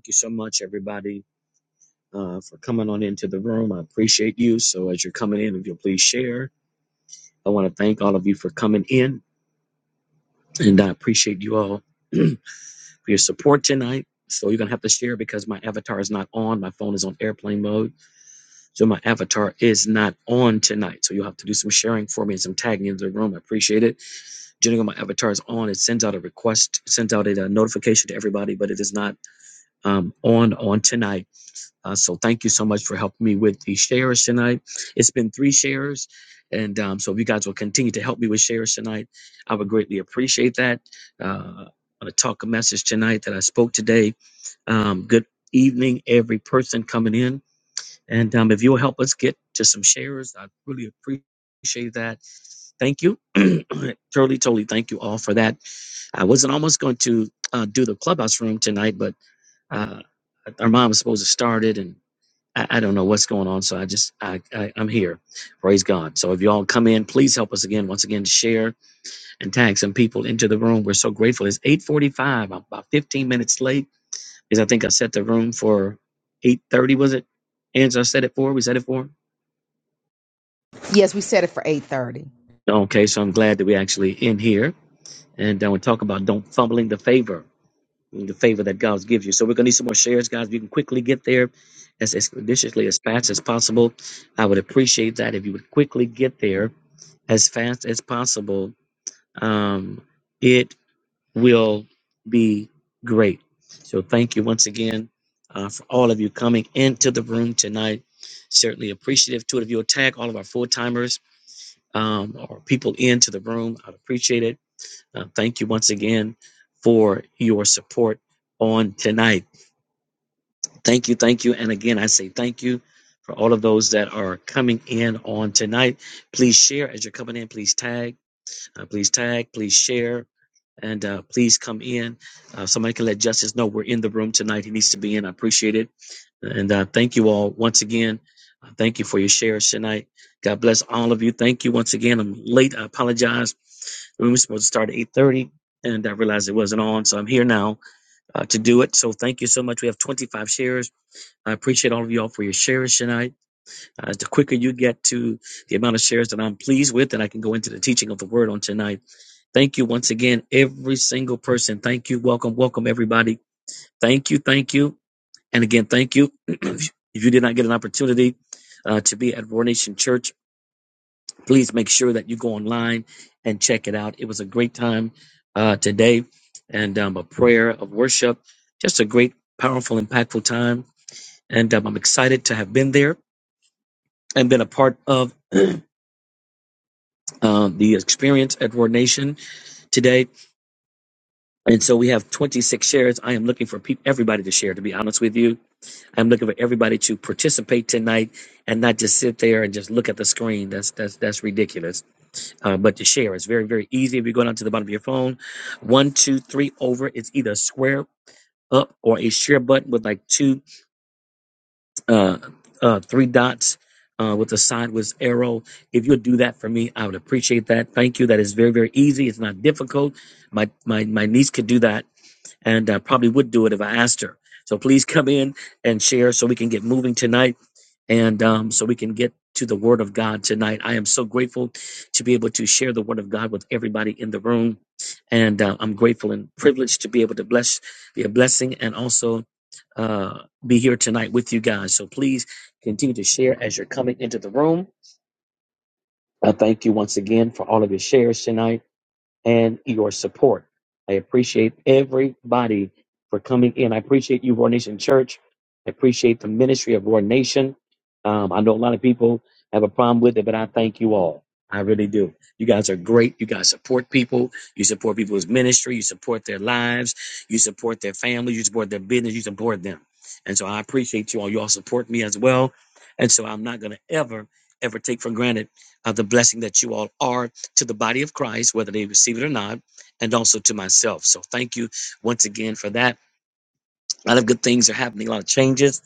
Thank you so much, everybody, uh, for coming on into the room. I appreciate you. So, as you're coming in, if you'll please share, I want to thank all of you for coming in, and I appreciate you all for your support tonight. So, you're going to have to share because my avatar is not on. My phone is on airplane mode. So, my avatar is not on tonight. So, you'll have to do some sharing for me and some tagging in the room. I appreciate it. Generally, when my avatar is on. It sends out a request, sends out a, uh, notification to everybody, but it is not um, on on tonight. Uh, so thank you so much for helping me with the shares tonight. It's been three shares. And um, so if you guys will continue to help me with shares tonight, I would greatly appreciate that. Uh, I'm going to talk a message tonight that I spoke today. Um, good evening, every person coming in. And um, if you'll help us get to some shares, I really appreciate that. Thank you. totally, totally thank you all for that. I wasn't almost going to uh, do the clubhouse room tonight, but uh, our mom was supposed to start it. and. I, I don't know what's going on, so I just I, I I'm here. Praise God. So if y'all come in, please help us again. Once again, share and tag some people into the room. We're so grateful. It's 8:45. I'm about 15 minutes late because I think I set the room for 8:30. Was it? Answer. I set it for. We set it for. Yes, we set it for 8:30. Okay, so I'm glad that we actually in here and then we talk about don't fumbling the favor. the favor that God gives you. So we're gonna need some more shares, guys. If you can quickly get there as expeditiously as fast as possible, I would appreciate that if you would quickly get there as fast as possible. Um, it will be great. So thank you once again uh, for all of you coming into the room tonight. Certainly appreciative to it. If you'll tag all of our full timers um, or people into the room, I'd appreciate it. Uh, thank you once again for your support on tonight. Thank you, thank you. And again, I say thank you for all of those that are coming in on tonight. Please share as you're coming in. Please tag, uh, please tag, please share, and uh, please come in. Uh, somebody can let Justice know we're in the room tonight. He needs to be in. I appreciate it. And uh, thank you all once again. Uh, thank you for your shares tonight. God bless all of you. Thank you once again. I'm late. I apologize. We were supposed to start at 8.30 and I realized it wasn't on. So I'm here now uh, to do it. So thank you so much. We have 25 shares. I appreciate all of y'all for your shares tonight. Uh, the quicker you get to the amount of shares that I'm pleased with, and I can go into the teaching of the word on tonight. Thank you once again, every single person. Thank you. Welcome. Welcome, everybody. Thank you. Thank you. And again, thank you. if you did not get an opportunity uh, to be at Roar Nation Church, please make sure that you go online and check it out. It was a great time uh, today and um, a prayer of worship. Just a great, powerful, impactful time. And um, I'm excited to have been there. and been a part of uh, the experience at Roar Nation today. And so we have 26 shares. I am looking for peop everybody to share, to be honest with you. I'm looking for everybody to participate tonight and not just sit there and just look at the screen. That's that's that's ridiculous. Uh, but to share is very, very easy. If you go down to the bottom of your phone, one, two, three over, it's either a square up or a share button with like two uh, uh, three dots uh, with a sideways arrow. If you'll do that for me, I would appreciate that. Thank you. That is very, very easy. It's not difficult. My my my niece could do that, and I probably would do it if I asked her. So please come in and share so we can get moving tonight and um, so we can get to the Word of God tonight. I am so grateful to be able to share the Word of God with everybody in the room, and uh, I'm grateful and privileged to be able to bless, be a blessing, and also uh, be here tonight with you guys. So please continue to share as you're coming into the room. I thank you once again for all of your shares tonight and your support. I appreciate everybody for coming in. I appreciate you, Roar Nation Church. I appreciate the ministry of Roar Nation. Um, I know a lot of people have a problem with it, but I thank you all. I really do. You guys are great. You guys support people. You support people's ministry. You support their lives. You support their family. You support their business. You support them. And so I appreciate you all. You all support me as well. And so I'm not going to ever, ever take for granted uh, the blessing that you all are to the body of Christ, whether they receive it or not, and also to myself. So thank you once again for that. A lot of good things are happening. A lot of changes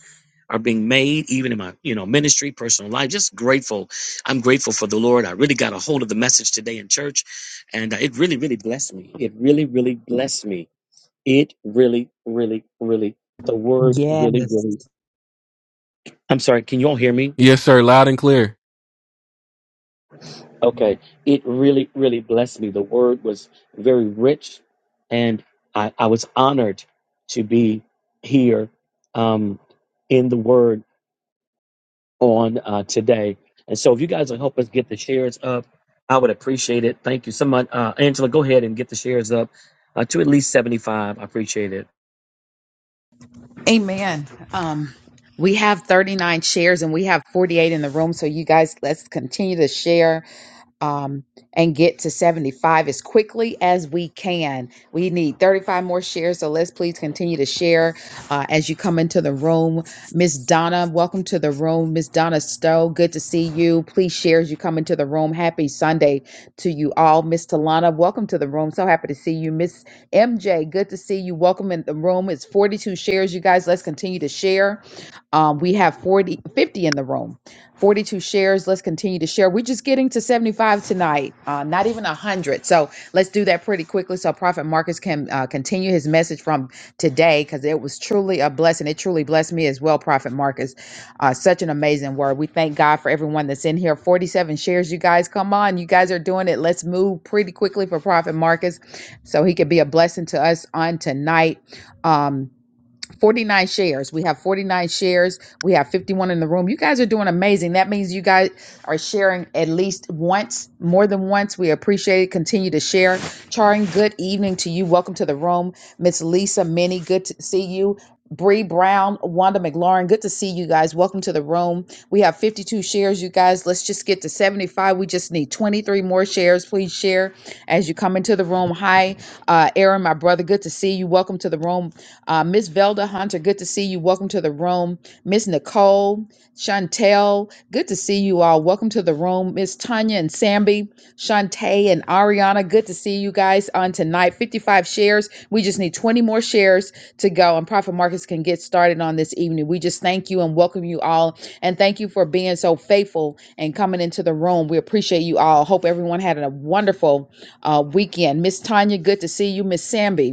are being made, even in my, you know, ministry, personal life. Just grateful. I'm grateful for the Lord. I really got a hold of the message today in church, and uh, it really, really blessed me. It really, really blessed me. It really, really, really. The word really, Yes. really. I'm sorry. Can you all hear me? Yes, sir. Loud and clear. Okay, it really, really blessed me. The word was very rich, and I, I was honored to be here um, in the word on uh, today. And so, if you guys will help us get the shares up, I would appreciate it. Thank you so much. Uh, Angela, go ahead and get the shares up uh, to at least 75. I appreciate it. Amen. Um we have 39 shares and we have 48 in the room, so you guys let's continue to share um and get to 75 as quickly as we can. We need 35 more shares, so let's please continue to share uh, as you come into the room. Miss Donna, welcome to the room. Miss Donna Stowe, good to see you. Please share as you come into the room. Happy Sunday to you all. Miss Talana, welcome to the room. So happy to see you. Miss MJ, good to see you. Welcome in the room. It's 42 shares, you guys. Let's continue to share. Um, we have 40, 50 in the room, 42 shares. Let's continue to share. We're just getting to 75 tonight, uh, not even 100. So let's do that pretty quickly so Prophet Marcus can uh, continue his message from today because it was truly a blessing. It truly blessed me as well, Prophet Marcus. Uh, such an amazing word. We thank God for everyone that's in here. 47 shares, you guys. Come on. You guys are doing it. Let's move pretty quickly for Prophet Marcus so he could be a blessing to us on tonight. Um, 49 shares. We have 49 shares. We have 51 in the room. You guys are doing amazing. That means you guys are sharing at least once, more than once. We appreciate it. Continue to share. Charing, good evening to you. Welcome to the room. Miss Lisa Minnie, good to see you. Bree Brown, Wanda McLaurin, good to see you guys. Welcome to the room. We have 52 shares, you guys. Let's just get to 75. We just need 23 more shares. Please share as you come into the room. Hi, uh, Aaron, my brother. Good to see you. Welcome to the room. Uh, Miss Velda Hunter, good to see you. Welcome to the room. Miss Nicole, Chantel, good to see you all. Welcome to the room. Miss Tanya and Samby, Shantae and Ariana, good to see you guys on tonight. 55 shares. We just need 20 more shares to go, and Profit Markets can get started on this evening. We just thank you and welcome you all. And thank you for being so faithful and coming into the room. We appreciate you all. Hope everyone had a wonderful uh, weekend. Miss Tanya, good to see you. Miss Samby,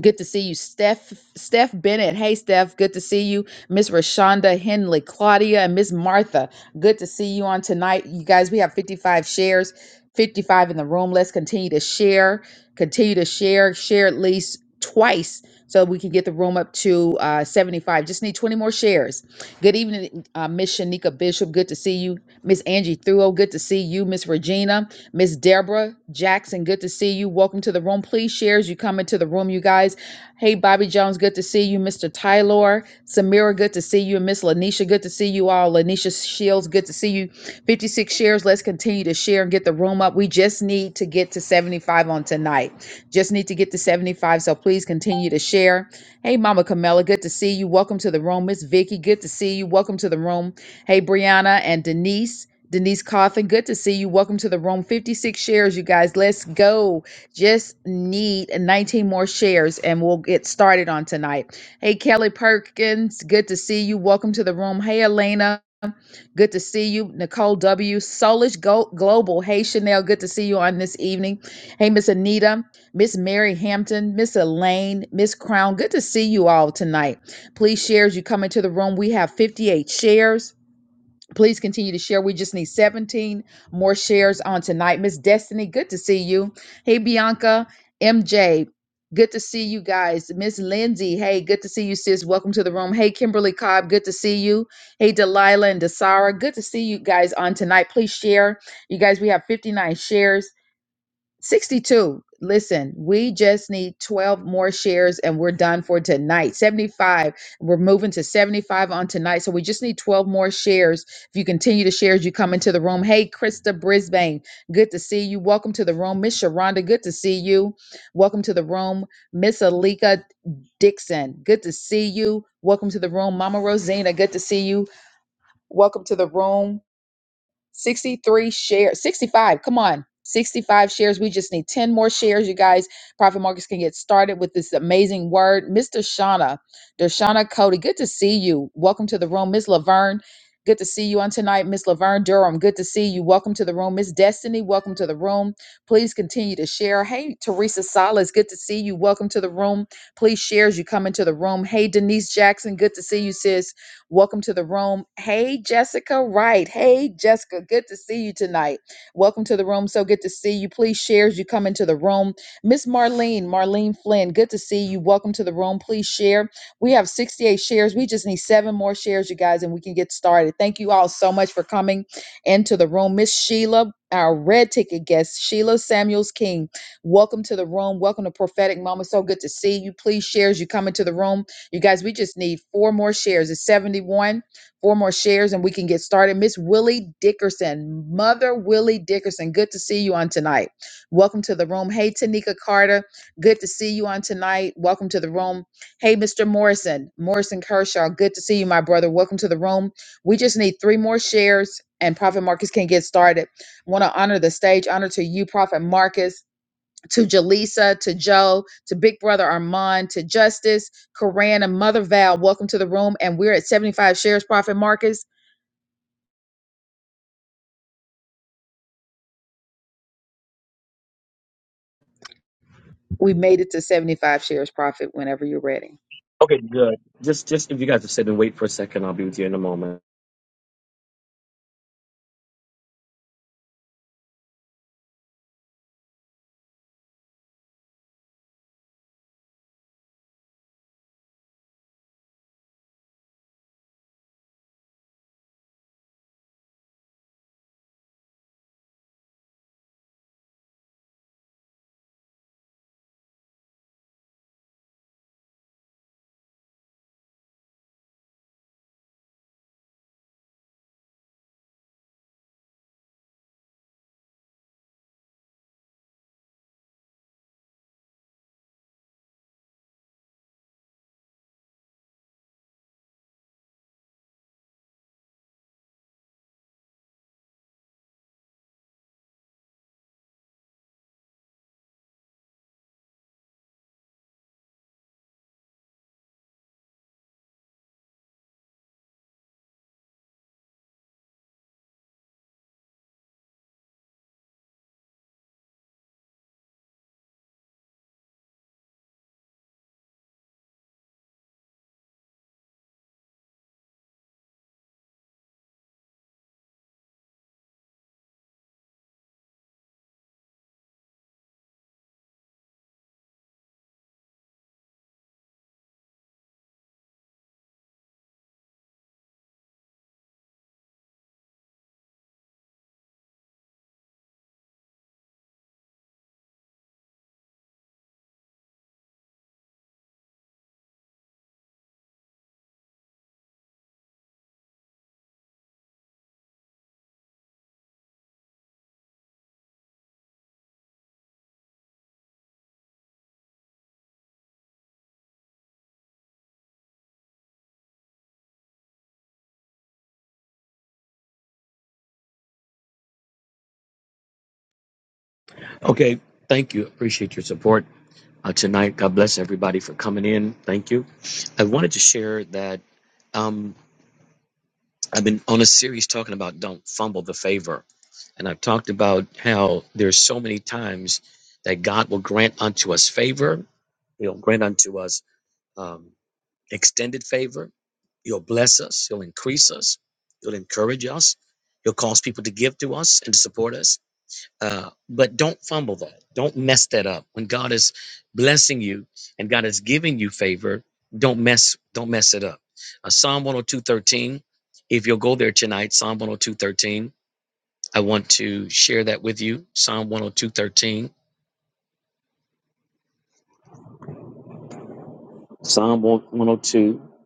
Good to see you, Steph. Steph Bennett. Hey, Steph. Good to see you. Miss Rashonda Henley, Claudia, and Miss Martha. Good to see you on tonight. You guys, we have 55 shares, 55 in the room. Let's continue to share. Continue to share. Share at least twice so we can get the room up to uh, 75. Just need 20 more shares. Good evening, uh, Miss Shanika Bishop. Good to see you. Miss Angie Thuo. Good to see you. Miss Regina. Miss Deborah Jackson, good to see you. Welcome to the room. Please share as you come into the room, you guys. Hey, Bobby Jones, good to see you. Mr. Tyler, Samira, good to see you. And Miss Lanisha, good to see you all. Lanisha Shields, good to see you. 56 shares. Let's continue to share and get the room up. We just need to get to 75 on tonight. Just need to get to 75. So please continue to share. Hey, Mama Camilla, good to see you. Welcome to the room. Miss Vicky, good to see you. Welcome to the room. Hey, Brianna and Denise. Denise Coffin, good to see you. Welcome to the room. 56 shares, you guys. Let's go. Just need 19 more shares and we'll get started on tonight. Hey, Kelly Perkins, good to see you. Welcome to the room. Hey, Elena. Good to see you, Nicole W. Solish Go- Global. Hey, Chanel. Good to see you on this evening. Hey, Miss Anita, Miss Mary Hampton, Miss Elaine, Miss Crown. Good to see you all tonight. Please share as you come into the room. We have 58 shares. Please continue to share. We just need 17 more shares on tonight. Miss Destiny, good to see you. Hey, Bianca, MJ, good to see you guys. Miss Lindsay, hey, good to see you, sis. Welcome to the room. Hey, Kimberly Cobb, good to see you. Hey, Delilah and Desara, good to see you guys on tonight. Please share. You guys, we have 59 shares. 62. Listen, we just need 12 more shares and we're done for tonight. 75. We're moving to 75 on tonight. So we just need 12 more shares. If you continue to share as you come into the room. Hey, Krista Brisbane, good to see you. Welcome to the room. Miss Sharonda, good to see you. Welcome to the room. Miss Alika Dixon, good to see you. Welcome to the room. Mama Rosina, good to see you. Welcome to the room. 63 shares, 65. Come on. 65 shares. We just need 10 more shares, you guys. Profit Markets can get started with this amazing word. Mr. Shauna, Dershana Cody, good to see you. Welcome to the room. Miss Laverne, good to see you on tonight. Miss Laverne Durham, good to see you. Welcome to the room. Miss Destiny, welcome to the room. Please continue to share. Hey, Teresa Salas, good to see you. Welcome to the room. Please share as you come into the room. Hey, Denise Jackson, good to see you, sis. Welcome to the room. Hey, Jessica Wright. Hey, Jessica. Good to see you tonight. Welcome to the room. So good to see you. Please share as you come into the room. Miss Marlene, Marlene Flynn. Good to see you. Welcome to the room. Please share. We have 68 shares. We just need seven more shares, you guys, and we can get started. Thank you all so much for coming into the room. Miss Sheila, our red ticket guest, Sheila Samuels King. Welcome to the room. Welcome to Prophetic Moments. So good to see you. Please share as you come into the room. You guys, we just need four more shares. It's 71, four more shares, and we can get started. Miss Willie Dickerson, Mother Willie Dickerson, good to see you on tonight. Welcome to the room. Hey, Tanika Carter, good to see you on tonight. Welcome to the room. Hey, Mr. Morrison, Morrison Kershaw, good to see you, my brother. Welcome to the room. We just need three more shares, and Prophet Marcus can get started. want to honor the stage, honor to you, Prophet Marcus to Jaleesa, to Joe, to Big Brother Armand, to Justice, Karan, and Mother Val. Welcome to the room. And we're at 75 shares profit, Marcus. We made it to 75 shares profit whenever you're ready. Okay, good. Just, just if you guys will sit and wait for a second, I'll be with you in a moment. Okay, thank you. Appreciate your support. uh, tonight. God bless everybody for coming in. Thank you. I wanted to share that um, I've been on a series talking about don't fumble the favor. And I've talked about how there's so many times that God will grant unto us favor. He'll grant unto us um, extended favor. He'll bless us. He'll increase us. He'll encourage us. He'll cause people to give to us and to support us uh, but don't fumble that. Don't mess that up. When God is blessing you and God is giving you favor, don't mess don't mess it up. Uh, Psalm 102:13. If you'll go there tonight, Psalm 102:13. I want to share that with you. Psalm 102:13. Psalm 102:13.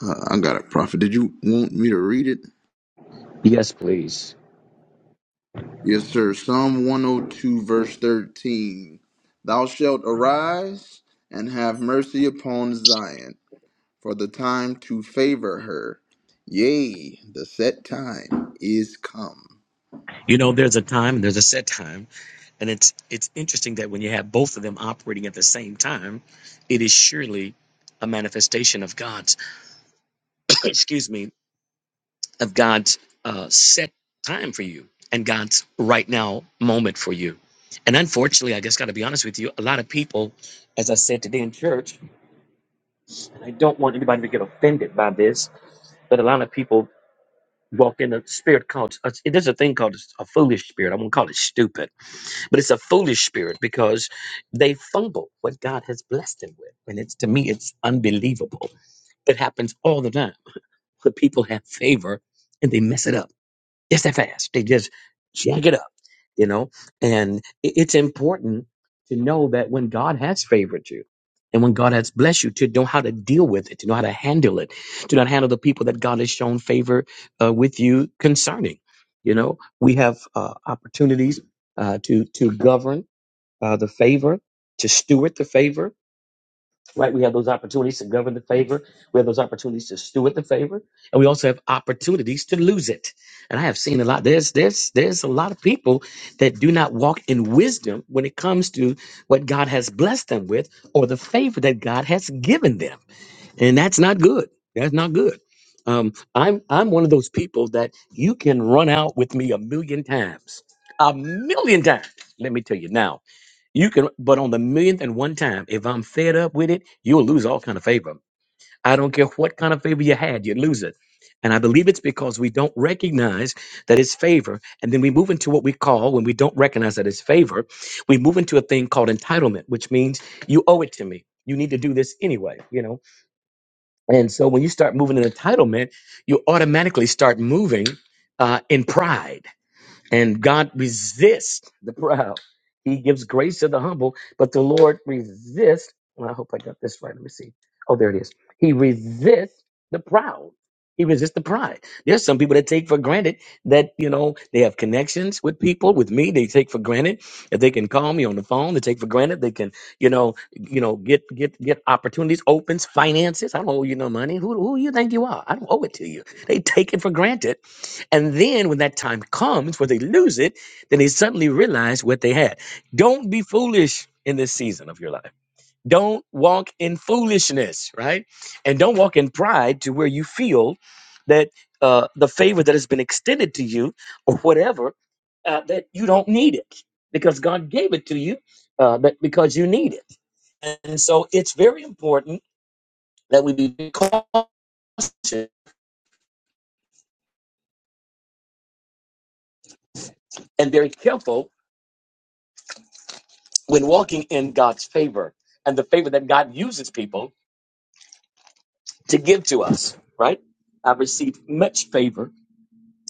Uh, I got it, Prophet. Did you want me to read it? Yes, please. Yes, sir. Psalm 102, verse 13. Thou shalt arise and have mercy upon Zion for the time to favor her. Yea, the set time is come. You know, there's a time and there's a set time, and it's it's interesting that when you have both of them operating at the same time, it is surely a manifestation of God's excuse me of God's uh, set time for you and God's right now moment for you. And unfortunately, I just got to be honest with you, a lot of people, as I said today in church, and I don't want anybody to get offended by this, but a lot of people walk in a spirit called uh, there's a thing called a foolish spirit i won't call it stupid but it's a foolish spirit because they fumble what god has blessed them with and it's to me it's unbelievable it happens all the time where people have favor and they mess it up it's that fast. They just jack it up, you know? And i- it's important to know that when God has favored you and when God has blessed you, to know how to deal with it, to know how to handle it, to not handle the people that God has shown favor uh, with you concerning. You know, we have uh, opportunities uh, to, to govern uh, the favor, to steward the favor right? We have those opportunities to govern the favor. We have those opportunities to steward the favor, and we also have opportunities to lose it. And I have seen a lot. There's there's there's a lot of people that do not walk in wisdom when it comes to what God has blessed them with or the favor that God has given them, and that's not good. That's not good. Um, I'm I'm one of those people that you can run out with me a million times, a million times. Let me tell you now. You can, but on the millionth and one time, if I'm fed up with it, you'll lose all kind of favor. I don't care what kind of favor you had, you lose it. And I believe it's because we don't recognize that it's favor. And then we move into what we call, when we don't recognize that it's favor, we move into a thing called entitlement, which means you owe it to me. You need to do this anyway, you know? And so when you start moving in entitlement, you automatically start moving uh, in pride and God resists the proud. He gives grace to the humble, but the Lord resists. Well, I hope I got this right. Let me see. Oh, there it is. He resists the proud. He resists the pride. There's some people that take for granted that, you know, they have connections with people, with me. They take for granted that they can call me on the phone. They take for granted they can, you know, you know, get get get opportunities, opens, finances. I don't owe you no money. Who who you think you are? I don't owe it to you. They take it for granted and then when that time comes where they lose it, then they suddenly realize what they had. Don't be foolish in this season of your life. Don't walk in foolishness, right? And don't walk in pride to where you feel that uh, the favor that has been extended to you or whatever, uh, that you don't need it because God gave it to you uh, but because you need it. And so it's very important that we be cautious and very careful when walking in God's favor and the favor that God uses people to give to us, right? I've received much favor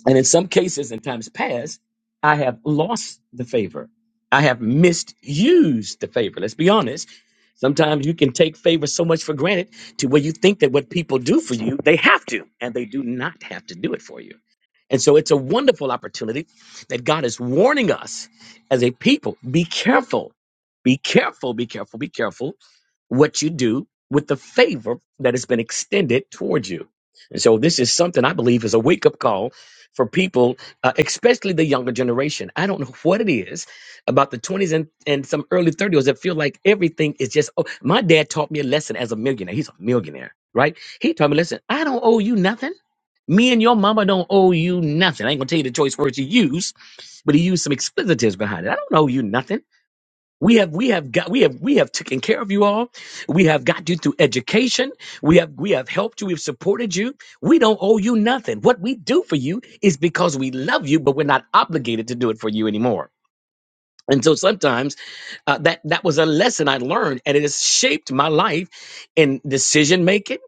and in some cases, in times past, I have lost the favor. I have misused the favor. Let's be honest. Sometimes you can take favor so much for granted to where you think that what people do for you, they have to, and they do not have to do it for you. And so it's a wonderful opportunity that God is warning us as a people be careful, be careful, be careful, be careful what you do with the favor that has been extended towards you. And so this is something I believe is a wake up call for people, uh, especially the younger generation. I don't know what it is about the 20s and, and some early 30s that feel like everything is just, oh, my dad taught me a lesson as a millionaire. He's a millionaire, right? He taught me, listen, I don't owe you nothing. Me and your mama don't owe you nothing. I ain't gonna tell you the choice words you use, but he used some expletives behind it. I don't owe you nothing. We have we have got we have we have taken care of you all. We have got you through education. We have we have helped you. We've supported you. We don't owe you nothing. What we do for you is because we love you, but we're not obligated to do it for you anymore. And so sometimes uh, that that was a lesson I learned, and it has shaped my life in decision making.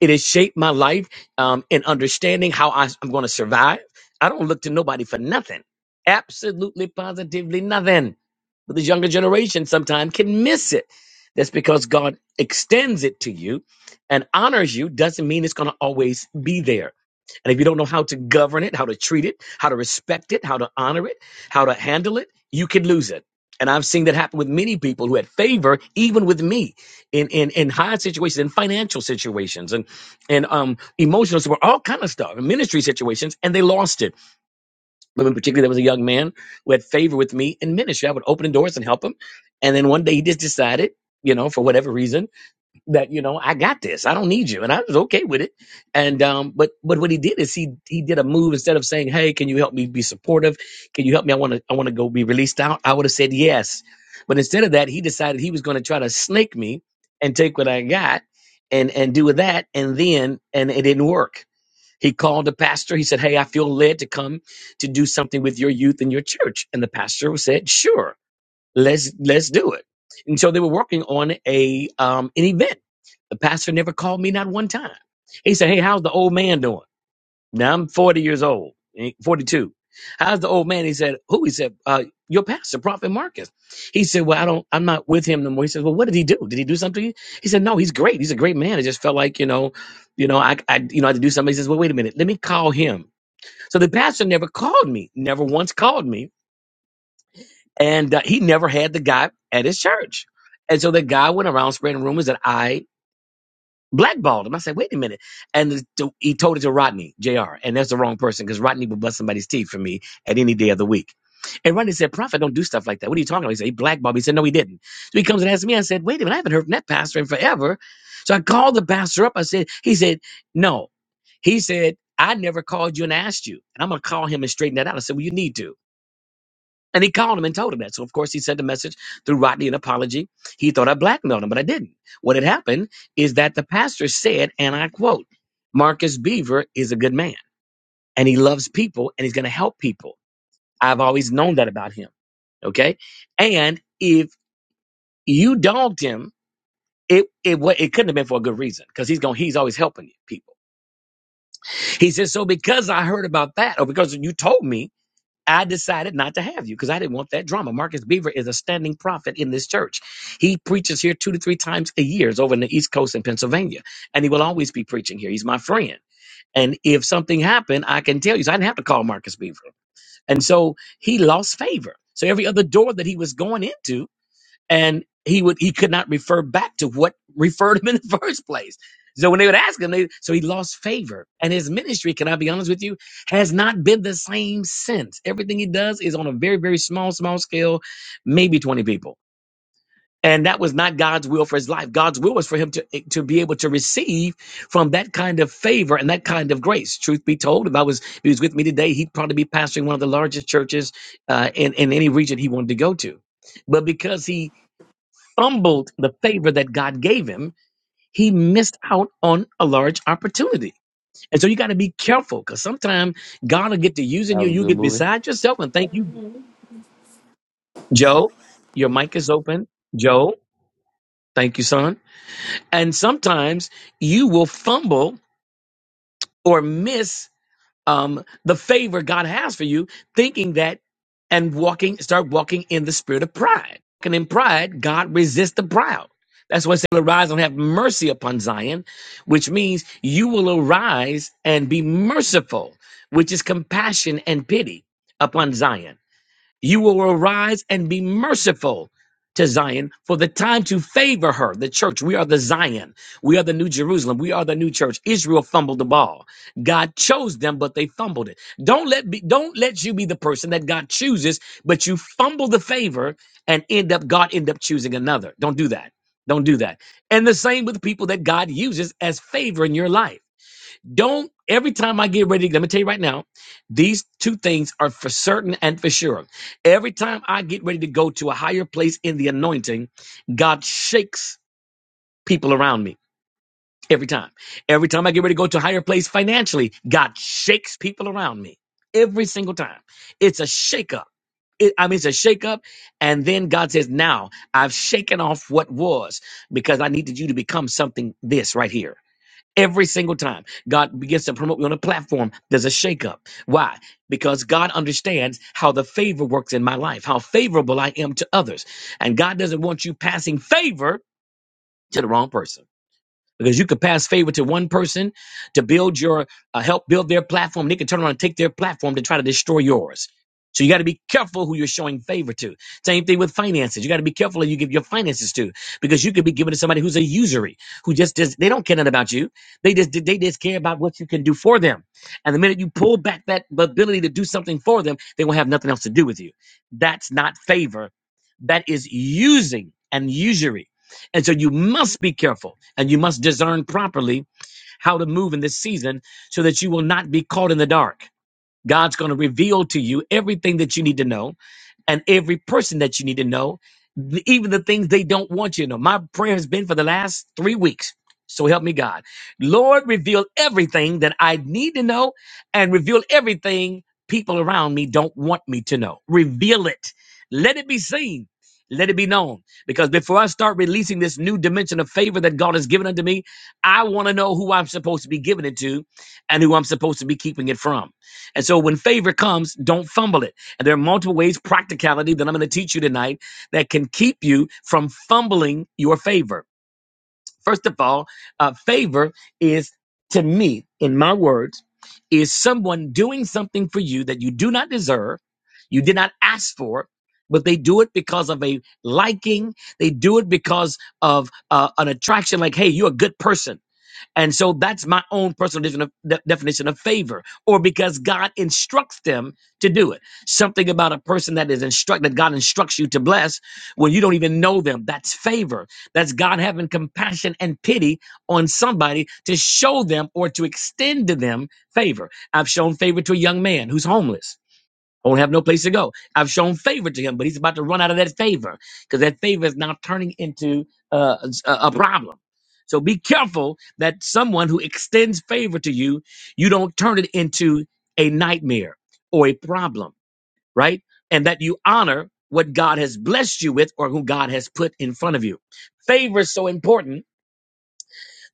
It has shaped my life um, in understanding how I, am going to survive. I don't look to nobody for nothing. Absolutely, positively nothing. But this younger generation sometimes can miss it. That's because God extends it to you and honors you doesn't mean it's going to always be there. And if you don't know how to govern it, how to treat it, how to respect it, how to honor it, how to handle it, you can lose it. And I've seen that happen with many people who had favor, even with me, in in in high situations, in financial situations, and and um emotional support, all kind of stuff, in ministry situations, and they lost it woman particularly there was a young man who had favor with me in ministry. I would open the doors and help him. And then one day he just decided, you know, for whatever reason, that, you know, I got this. I don't need you. And I was okay with it. And um, but but what he did is he he did a move instead of saying, Hey, can you help me be supportive? Can you help me? I wanna I wanna go be released out. I would have said yes. But instead of that, he decided he was gonna try to snake me and take what I got and and do with that and then and it didn't work he called the pastor. He said, Hey, I feel led to come to do something with your youth in your church. And the pastor said, Sure, let's let's do it. And so they were working on a um an event. The pastor never called me not one time. He said, Hey, how's the old man doing? Now I'm 40 years old, eh, 42. How's the old man? He said, who? He said, uh, your pastor, Prophet Marcus. He said, well, I don't, I'm not with him no more. He says, well, what did he do? Did he do something? to you?" He said, no, he's great. He's a great man. It just felt like, you know, you know, I, I, you know, I had to do something. He says, well, wait a minute. Let me call him. So the pastor never called me, never once called me. And uh, he never had the guy at his church. And so the guy went around spreading rumors that I blackballed him. I said, wait a minute. And the, the- he told it to Rodney, JR. And that's the wrong person because Rodney would bust somebody's teeth for me at any day of the week. And Rodney said, Prophet, don't do stuff like that. What are you talking about? He said, he blackballed me. He said, no, he didn't. So he comes and asks me, I said, wait a minute, I haven't heard from that pastor in forever. So I called the pastor up. I said, he said, no. He said, I never called you and asked you. And I'm going to call him and straighten that out. I said, well, you need to. And he called him and told him that. So, of course, he sent a message through Rodney, an apology. He thought I blackmailed him, but I didn't. What had happened is that the pastor said, and I quote, Marcus Beaver is a good man and he loves people and he's going to help people. I've always known that about him. Okay. And if you dogged him, it, it, wa- it couldn't have been for a good reason because he's going, he's always helping people. He said, so because I heard about that or because you told me, I decided not to have you because I didn't want that drama. Marcus Beaver is a standing prophet in this church. He preaches here two to three times a year It's over in the East Coast in Pennsylvania, and he will always be preaching here. He's my friend. And if something happened, I can tell you. So I didn't have to call Marcus Beaver. And so he lost favor. So every other door that he was going into, and he would he could not refer back to what referred him in the first place. So when they would ask him, they, so he lost favor, and his ministry, can I be honest with you, has not been the same since. Everything he does is on a very very small small scale, maybe twenty people. And that was not God's will for his life. God's will was for him to, eh, to be able to receive from that kind of favor and that kind of grace. Truth be told, if I was if he was with me today, he'd probably be pastoring one of the largest churches uh, in in any region he wanted to go to. But because he fumbled the favor that God gave him, he missed out on a large opportunity. And so you got to be careful because sometimes God will get to using That you. was a You good get movie. beside yourself and thank you, Joe. Your mic is open, Joe. Thank you, son. And sometimes you will fumble or miss um, the favor God has for you, thinking that and walking, start walking in the spirit of pride. And in pride, God resists the proud. That's why it says, arise and have mercy upon Zion, which means you will arise and be merciful, which is compassion and pity upon Zion. You will arise and be merciful to Zion for the time to favor her, the church. We are the Zion. We are the new Jerusalem. We are the new church. Israel fumbled the ball. God chose them, but they fumbled it. Don't let be, don't let you be the person that God chooses, but you fumble the favor and end up God end up choosing another. Don't do that. Don't do that. And the same with people that God uses as favor in your life. Don't every time I get ready, let me tell you right now, these two things are for certain and for sure. Every time I get ready to go to a higher place in the anointing, God shakes people around me. Every time. Every time I get ready to go to a higher place financially, God shakes people around me. Every single time. It's a shakeup. It, I mean, it's a shakeup. And then God says, Now I've shaken off what was because I needed you to become something this right here. Every single time God begins to promote me on a platform, there's a shakeup. Why? Because God understands how the favor works in my life, how favorable I am to others. And God doesn't want you passing favor to the wrong person because you could pass favor to one person to build your uh, help build their platform. They can turn around and take their platform to try to destroy yours. So you got to be careful who you're showing favor to. Same thing with finances. You got to be careful who you give your finances to because you could be giving to somebody who's a usury, who just does, they don't care nothing about you. They just they just care about what you can do for them. And the minute you pull back that ability to do something for them, they will have nothing else to do with you. That's not favor. That is using and usury and so you must be careful and you must discern properly how to move in this season so that you will not be caught in the dark. God's going to reveal to you everything that you need to know and every person that you need to know, th- even the things they don't want you to know. My prayer has been for the last three weeks. So help me God. Lord, reveal everything that I need to know and reveal everything people around me don't want me to know. Reveal it. Let it be seen. Let it be known. Because before I start releasing this new dimension of favor that God has given unto me, I want to know who I'm supposed to be giving it to and who I'm supposed to be keeping it from. And so when favor comes, don't fumble it. And there are multiple ways, practicality that I'm going to teach you tonight that can keep you from fumbling your favor. First of all, uh, favor is, to me, in my words, is someone doing something for you that you do not deserve, you did not ask for, but they do it because of a liking. They do it because of uh, an attraction, like, hey, you're a good person and so that's my own personal definition of, de- definition of favor, or because God instructs them to do it. Something about a person that is instructed, that God instructs you to bless when you don't even know them. That's favor. That's God having compassion and pity on somebody to show them or to extend to them favor. I've shown favor to a young man who's homeless. I won't have no place to go. I've shown favor to him, but he's about to run out of that favor because that favor is now turning into uh, a, a problem. So be careful that someone who extends favor to you, you don't turn it into a nightmare or a problem, right? And that you honor what God has blessed you with or who God has put in front of you. Favor is so important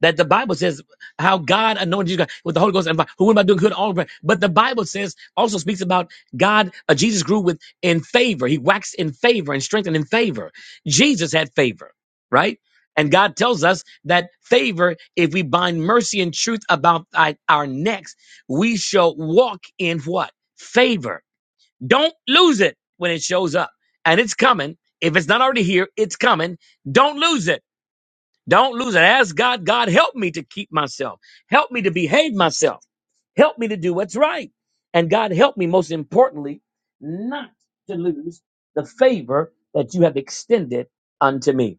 that the Bible says how God anointed you God, with the Holy Ghost and fire, who am I doing good all over. But the Bible says also speaks about God. Uh, Jesus grew with in favor. He waxed in favor and strengthened in favor. Jesus had favor, right? And God tells us that favor, if we bind mercy and truth about thy- our necks, we shall walk in what favor. Don't lose it when it shows up, and it's coming. If it's not already here, it's coming. Don't lose it. Don't lose it. Ask God, God, help me to keep myself. Help me to behave myself. Help me to do what's right. And God, help me, most importantly, not to lose the favor that you have extended unto me.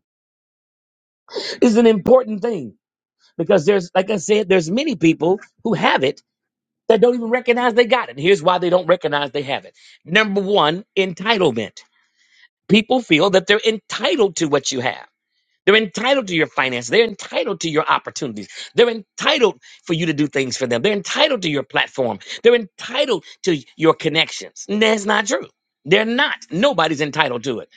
This Is an important thing because there's, like I said, there's many people who have it that don't even recognize they got it. And here's why they don't recognize they have it. Number one, entitlement. People feel that they're entitled to what you have. They're entitled to your finances. They're entitled to your opportunities. They're entitled for you to do things for them. They're entitled to your platform. They're entitled to your connections. And That's not true. They're not. Nobody's entitled to it.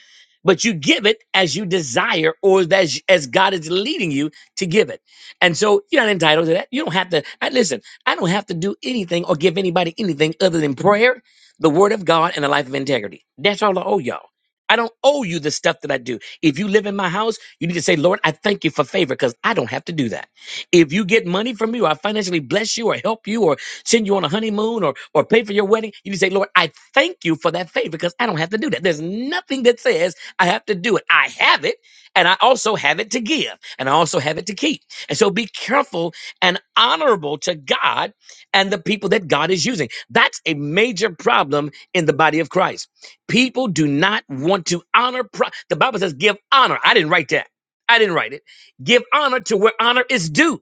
But you give it as you desire or as, as God is leading you to give it. And so you're not entitled to that. You don't have to. I, listen, I don't have to do anything or give anybody anything other than prayer, the word of God, and a life of integrity. That's all I owe y'all. I don't owe you the stuff that I do. If you live in my house, you need to say, Lord, I thank you for favor because I don't have to do that. If you get money from me or I financially bless you or help you or send you on a honeymoon or, or pay for your wedding, you need to say, Lord, I thank you for that favor because I don't have to do that. There's nothing that says I have to do it. I have it and I also have it to give and I also have it to keep. And so be careful and honorable to God and the people that God is using. That's a major problem in the body of Christ People do not want to honor. Pro- the Bible says, give honor. I didn't write that. I didn't write it. Give honor to where honor is due.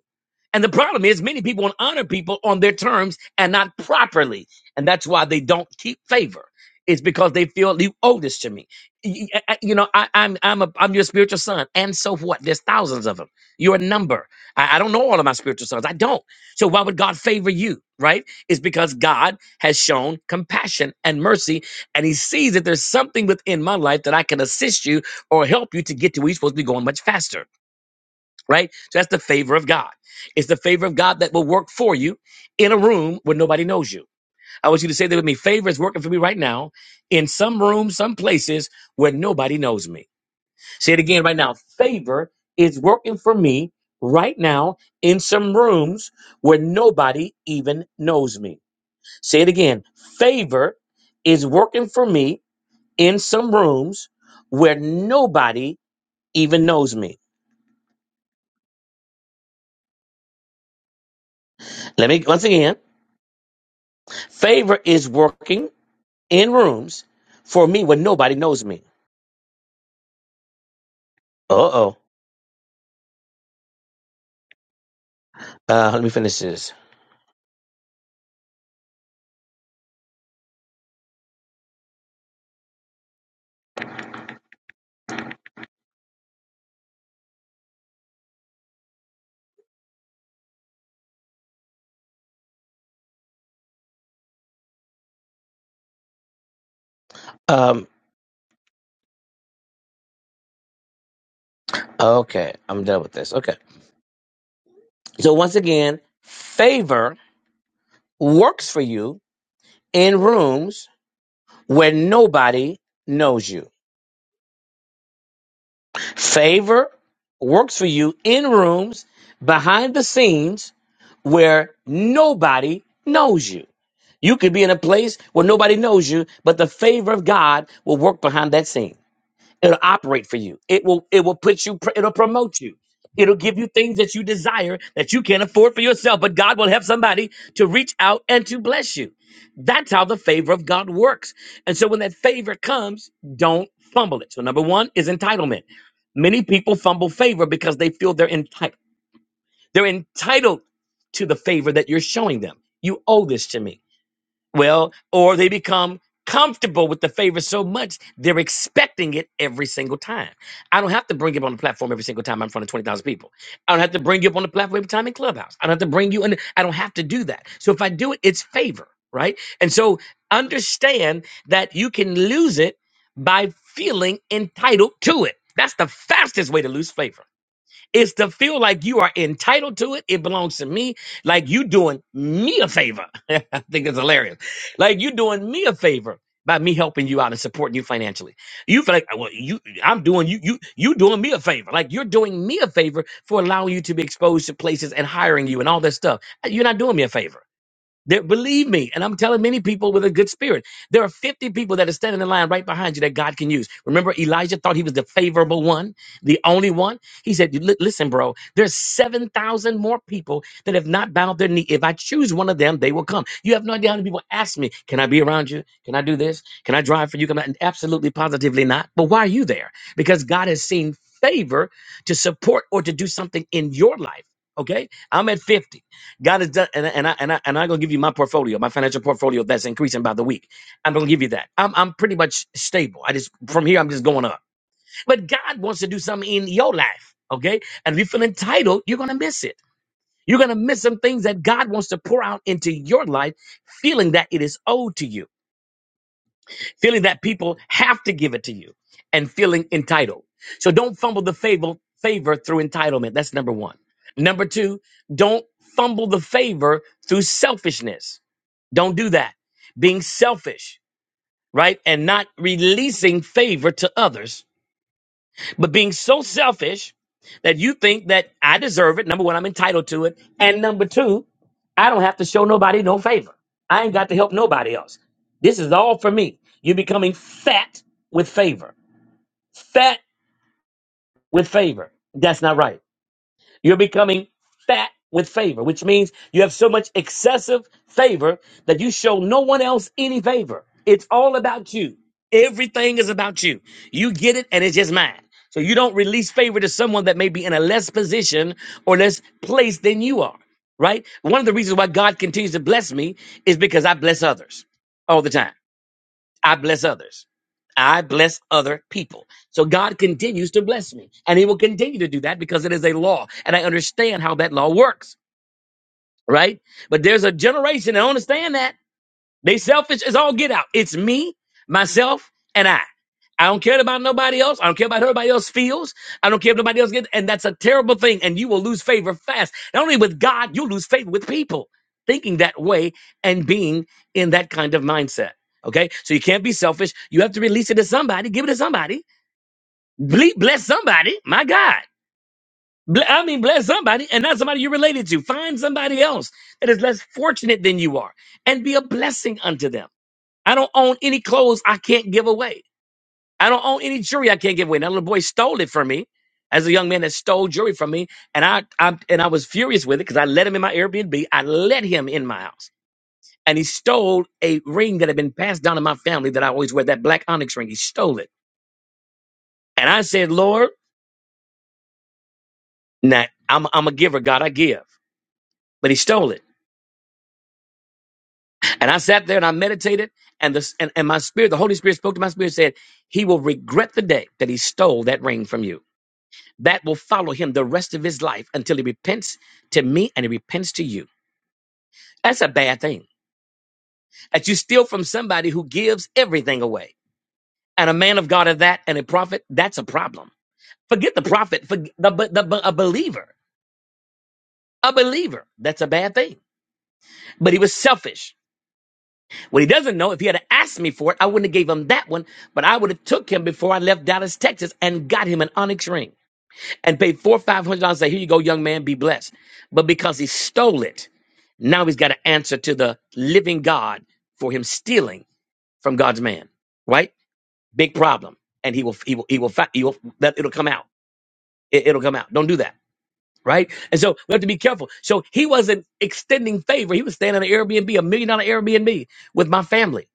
And the problem is, many people want to honor people on their terms and not properly. And that's why they don't keep favor. It's because they feel you owe this to me. Y- y- I- You know, I, I'm I'm a, I'm your spiritual son, and so what? There's thousands of them. You're a number. I, I don't know all of my spiritual sons. I don't. So why would God favor you? Right? It's because God has shown compassion and mercy, and He sees that there's something within my life that I can assist you or help you to get to where you're supposed to be going much faster right? So that's the favor of God. It's the favor of God that will work for you in a room where nobody knows you. I want you to say that with me. Favor is working for me right now in some rooms, some places where nobody knows me. Say it again right now. Favor is working for me right now in some rooms where nobody even knows me. Say it again. Favor is working for me in some rooms where nobody even knows me. Let me once again. Favor is working in rooms for me when nobody knows me. Uh-oh. Uh, let me finish this. Um, okay, I'm done with this. Okay. So once again, favor works for you in rooms where nobody knows you. Favor works for you in rooms behind the scenes where nobody knows you. You could be in a place where nobody knows you, but the favor of God will work behind that scene. It'll operate for you. It will it will put you pr- it'll promote you. It'll give you things that you desire that you can't afford for yourself, but God will help somebody to reach out and to bless you. That's how the favor of God works. And so when that favor comes, don't fumble it. So number 1 is entitlement. Many people fumble favor because they feel they're entitled. They're entitled to the favor that you're showing them. You owe this to me. Well, or they become comfortable with the favor so much they're expecting it every single time. I don't have to bring you up on the platform every single time I'm in front of 20,000 people. I don't have to bring you up on the platform every time in Clubhouse. I don't have to bring you in. I don't have to do that. So if I do it, it's favor, right? And so understand that you can lose it by feeling entitled to it. That's the fastest way to lose favor it's to feel like you are entitled to it. It belongs to me. Like you doing me a favor. I think it's hilarious. Like you doing me a favor by me helping you out and supporting you financially. You feel like well, you I'm doing you you you doing me a favor. Like you're doing me a favor for allowing you to be exposed to places and hiring you and all this stuff. You're not doing me a favor. There, believe me, and I'm telling many people with a good spirit, there are 50 people that are standing in line right behind you that God can use. Remember, Elijah thought he was the favorable one, the only one. He said, "Li- "Listen, bro, there's 7,000 more people that have not bowed their knee. If I choose one of them, they will come." You have no idea how many people ask me, "Can I be around you? Can I do this? Can I drive for you?" Can I? And Absolutely, positively not. But why are you there? Because God has seen favor to support or to do something in your life. Okay, I'm at 50. God has done, and I- and I and I and I'm gonna give you my portfolio, my financial portfolio that's increasing by the week. I'm gonna give you that. I'm I'm pretty much stable. I just from here I'm just going up. But God wants to do something in your life, okay? And if you feel entitled, you're gonna miss it. You're gonna miss some things that God wants to pour out into your life, feeling that it is owed to you feeling that people have to give it to you and feeling entitled. So don't fumble the favor, favor through entitlement. That's number one. Number two, don't fumble the favor through selfishness. Don't do that. Being selfish, right? And not releasing favor to others but being so selfish that you think that I deserve it, number one, I'm entitled to it. And number two, I don't have to show nobody no favor. I ain't got to help nobody else. This is all for me. You're becoming fat with favor. Fat with favor. That's not right. You're becoming fat with favor, which means you have so much excessive favor that you show no one else any favor. It's all about you. Everything is about you. You get it and it's just mine. So you don't release favor to someone that may be in a less position or less place than you are, right? One of the reasons why God continues to bless me is because I bless others all the time. I bless others. I bless other people. So God continues to bless me, and He will continue to do that because it is a law, and I understand how that law works, right? But there's a generation that don't understand that. They selfish as all get out. It's me, myself, and I. I don't care about nobody else. I don't care about how everybody else feels. I don't care if nobody else gets. And that's a terrible thing. And you will lose favor fast. Not only with God, you'll lose favor with people thinking that way and being in that kind of mindset. Okay. So you can't be selfish. You have to release it to somebody, give it to somebody, Ble- bless somebody. My God. Ble- I mean, bless somebody and not somebody you're related to. Find somebody else that is less fortunate than you are and be a blessing unto them. I don't own any clothes I can't give away. I don't own any jewelry I can't give away. Now little boy stole it from me as a young man that stole jewelry from me. And I, I and I was furious with it because I let him in my Airbnb. I let him in my house. And he stole a ring that had been passed down in my family that I always wear, that black onyx ring. He stole it. And I said, Lord, nah, I'm, I'm a giver, God, I give. But he stole it. And I sat there and I meditated. And, the, and, and my spirit, the Holy Spirit spoke to my spirit, and said, He will regret the day that he stole that ring from you. that will follow him the rest of his life until he repents to me and he repents to you. That's a bad thing. That you steal from somebody who gives everything away. And a man of God of that and a prophet, that's a problem. Forget the prophet, forget the, the, the a believer. A believer, that's a bad thing. But he was selfish. What he doesn't know, if he had asked me for it, I wouldn't have gave him that one, but I would have took him before I left Dallas, Texas, and got him an onyx ring. and paid four five hundred dollars. Say, here you go, young man, be blessed. But because he stole it, now he's got to answer to the living God for him stealing from God's man. Right? Big problem. And he will, he will, he will, fi- he will that it'll come out. It, it'll come out. Don't do that. Right? And so we have to be careful. So he wasn't extending favor. He was staying on an Airbnb, a million dollar Airbnb with my family.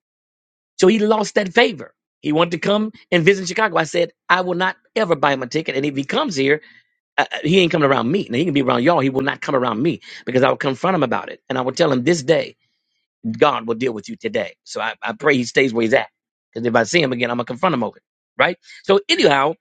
So he lost that favor. He wanted to come and visit Chicago. I said, I will not ever buy him a ticket. And if he comes here, uh, he ain't coming around me. Now he can be around y'all. He will not come around me because I will confront him about it. And I will tell him this day, God will deal with you today. So I, I pray he stays where he's at. Because if I see him again, I'm going to confront him over it. Right? So anyhow,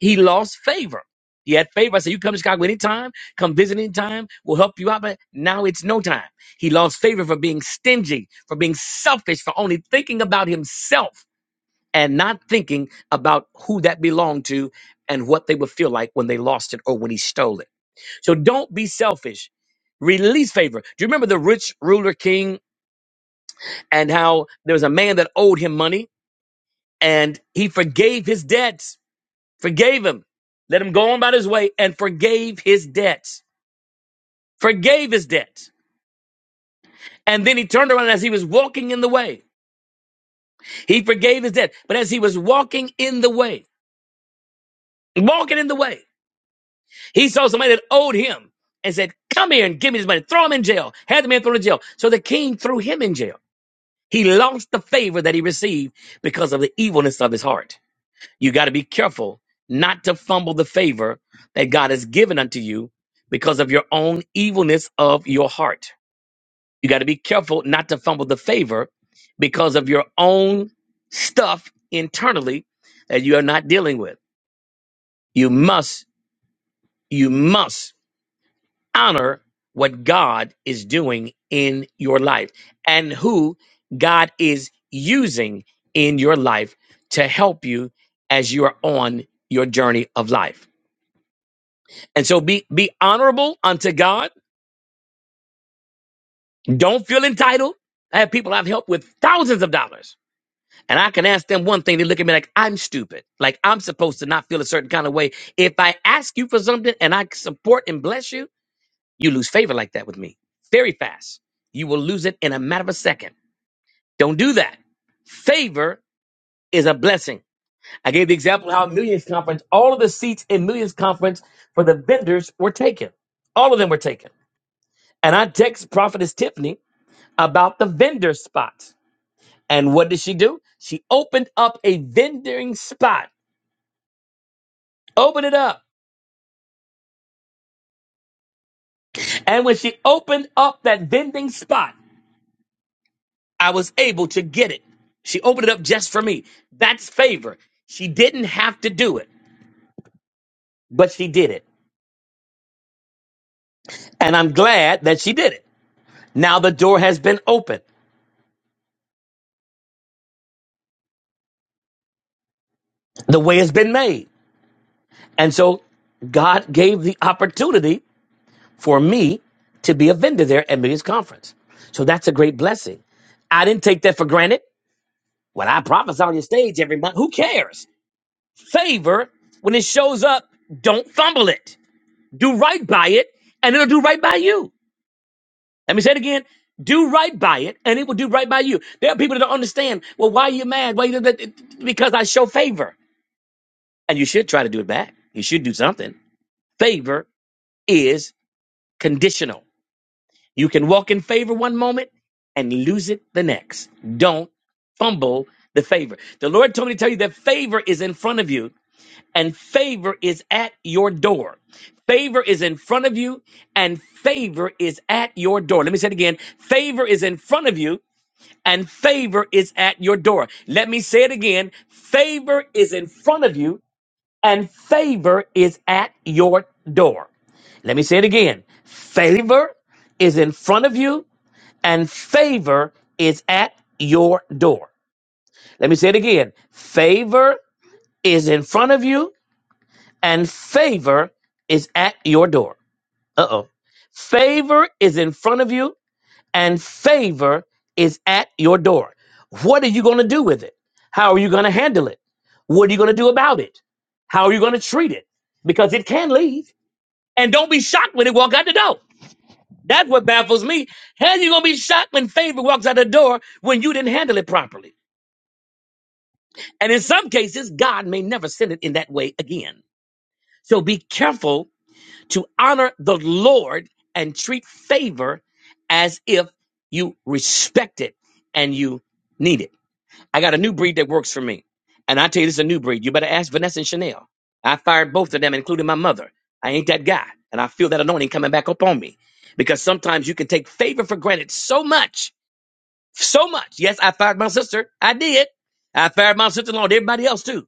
he lost favor. He had favor. I said, you come to Chicago anytime, come visit anytime, we'll help you out. But now it's no time. He lost favor for being stingy, for being selfish, for only thinking about himself and not thinking about who that belonged to and what they would feel like when they lost it or when he stole it. So don't be selfish. Release favor. Do you remember the rich ruler king and how there was a man that owed him money and he forgave his debts, forgave him, let him go on about his way and forgave his debts, forgave his debts. And then he turned around as he was walking in the way. He forgave his debt. But as he was walking in the way, walking in the way, he saw somebody that owed him and said, Come here and give me this money. Throw him in jail. Had the man thrown in jail. So the king threw him in jail. He lost the favor that he received because of the evilness of his heart. You got to be careful not to fumble the favor that God has given unto you because of your own evilness of your heart. You got to be careful not to fumble the favor because of your own stuff internally that you are not dealing with. You must, you must honor what God is doing in your life and who God is using in your life to help you as you are on your journey of life. And so be be honorable unto God. Don't feel entitled. I have people I've helped with thousands of dollars. And I can ask them one thing, they look at me like I'm stupid. Like I'm supposed to not feel a certain kind of way. If I ask you for something and I support and bless you, You lose favor like that with me very fast. You will lose it in a matter of a second. Don't do that. Favor is a blessing. I gave the example how Millions Conference, all of the seats in Millions Conference for the vendors were taken. All of them were taken. And I text Prophetess Tiffany about the vendor spots. And what did she do? She opened up a vending spot. Open it up. And when she opened up that vending spot, I was able to get it. She opened it up just for me. That's favor. She didn't have to do it, but she did it. And I'm glad that she did it. Now the door has been opened, the way has been made. And so God gave the opportunity for me to be a vendor there at Millions Conference. So that's a great blessing. I didn't take that for granted. When I prophesy on your stage every month, who cares? Favor, when it shows up, don't fumble it. Do right by it, and it'll do right by you. Let me say it again. Do right by it, and it will do right by you. There are people that don't understand. Well, why are you mad? Why you, because I show favor, and you should try to do it back. You should do something. Favor is conditional. You can walk in favor one moment and lose it the next. Don't fumble the favor. The Lord told me to tell you that favor is in front of you, and favor is at your door. Favor is in front of you, and favor is at your door. Let me say it again. Favor is in front of you and favor is at your door. Let me say it again favor is in front of you, and favor is at your door. Let me say it again favor is in front of you, and favor is at your door. Let me say it again favor is in front of you, and favor is at your door. Uh oh. Favor is in front of you, and favor is at your door. What are you going to do with it? How are you going to handle it? What are you going to do about it? How are you going to treat it? Because it can leave. And don't be shocked when it walk out the door. That's what baffles me. How you going to be shocked when favor walks out the door when you didn't handle it properly? And in some cases, God may never send it in that way again. So be careful to honor the Lord and treat favor as if you respect it and you need it. I got a new breed that works for me. And I tell you, this is a new breed. You better ask Vanessa and Chanel. I fired both of them, including my mother. I ain't that guy. And I feel that anointing coming back up on me. Because sometimes you can take favor for granted so much. So much. Yes, I fired my sister. I did. I fired my sister in law and everybody else too.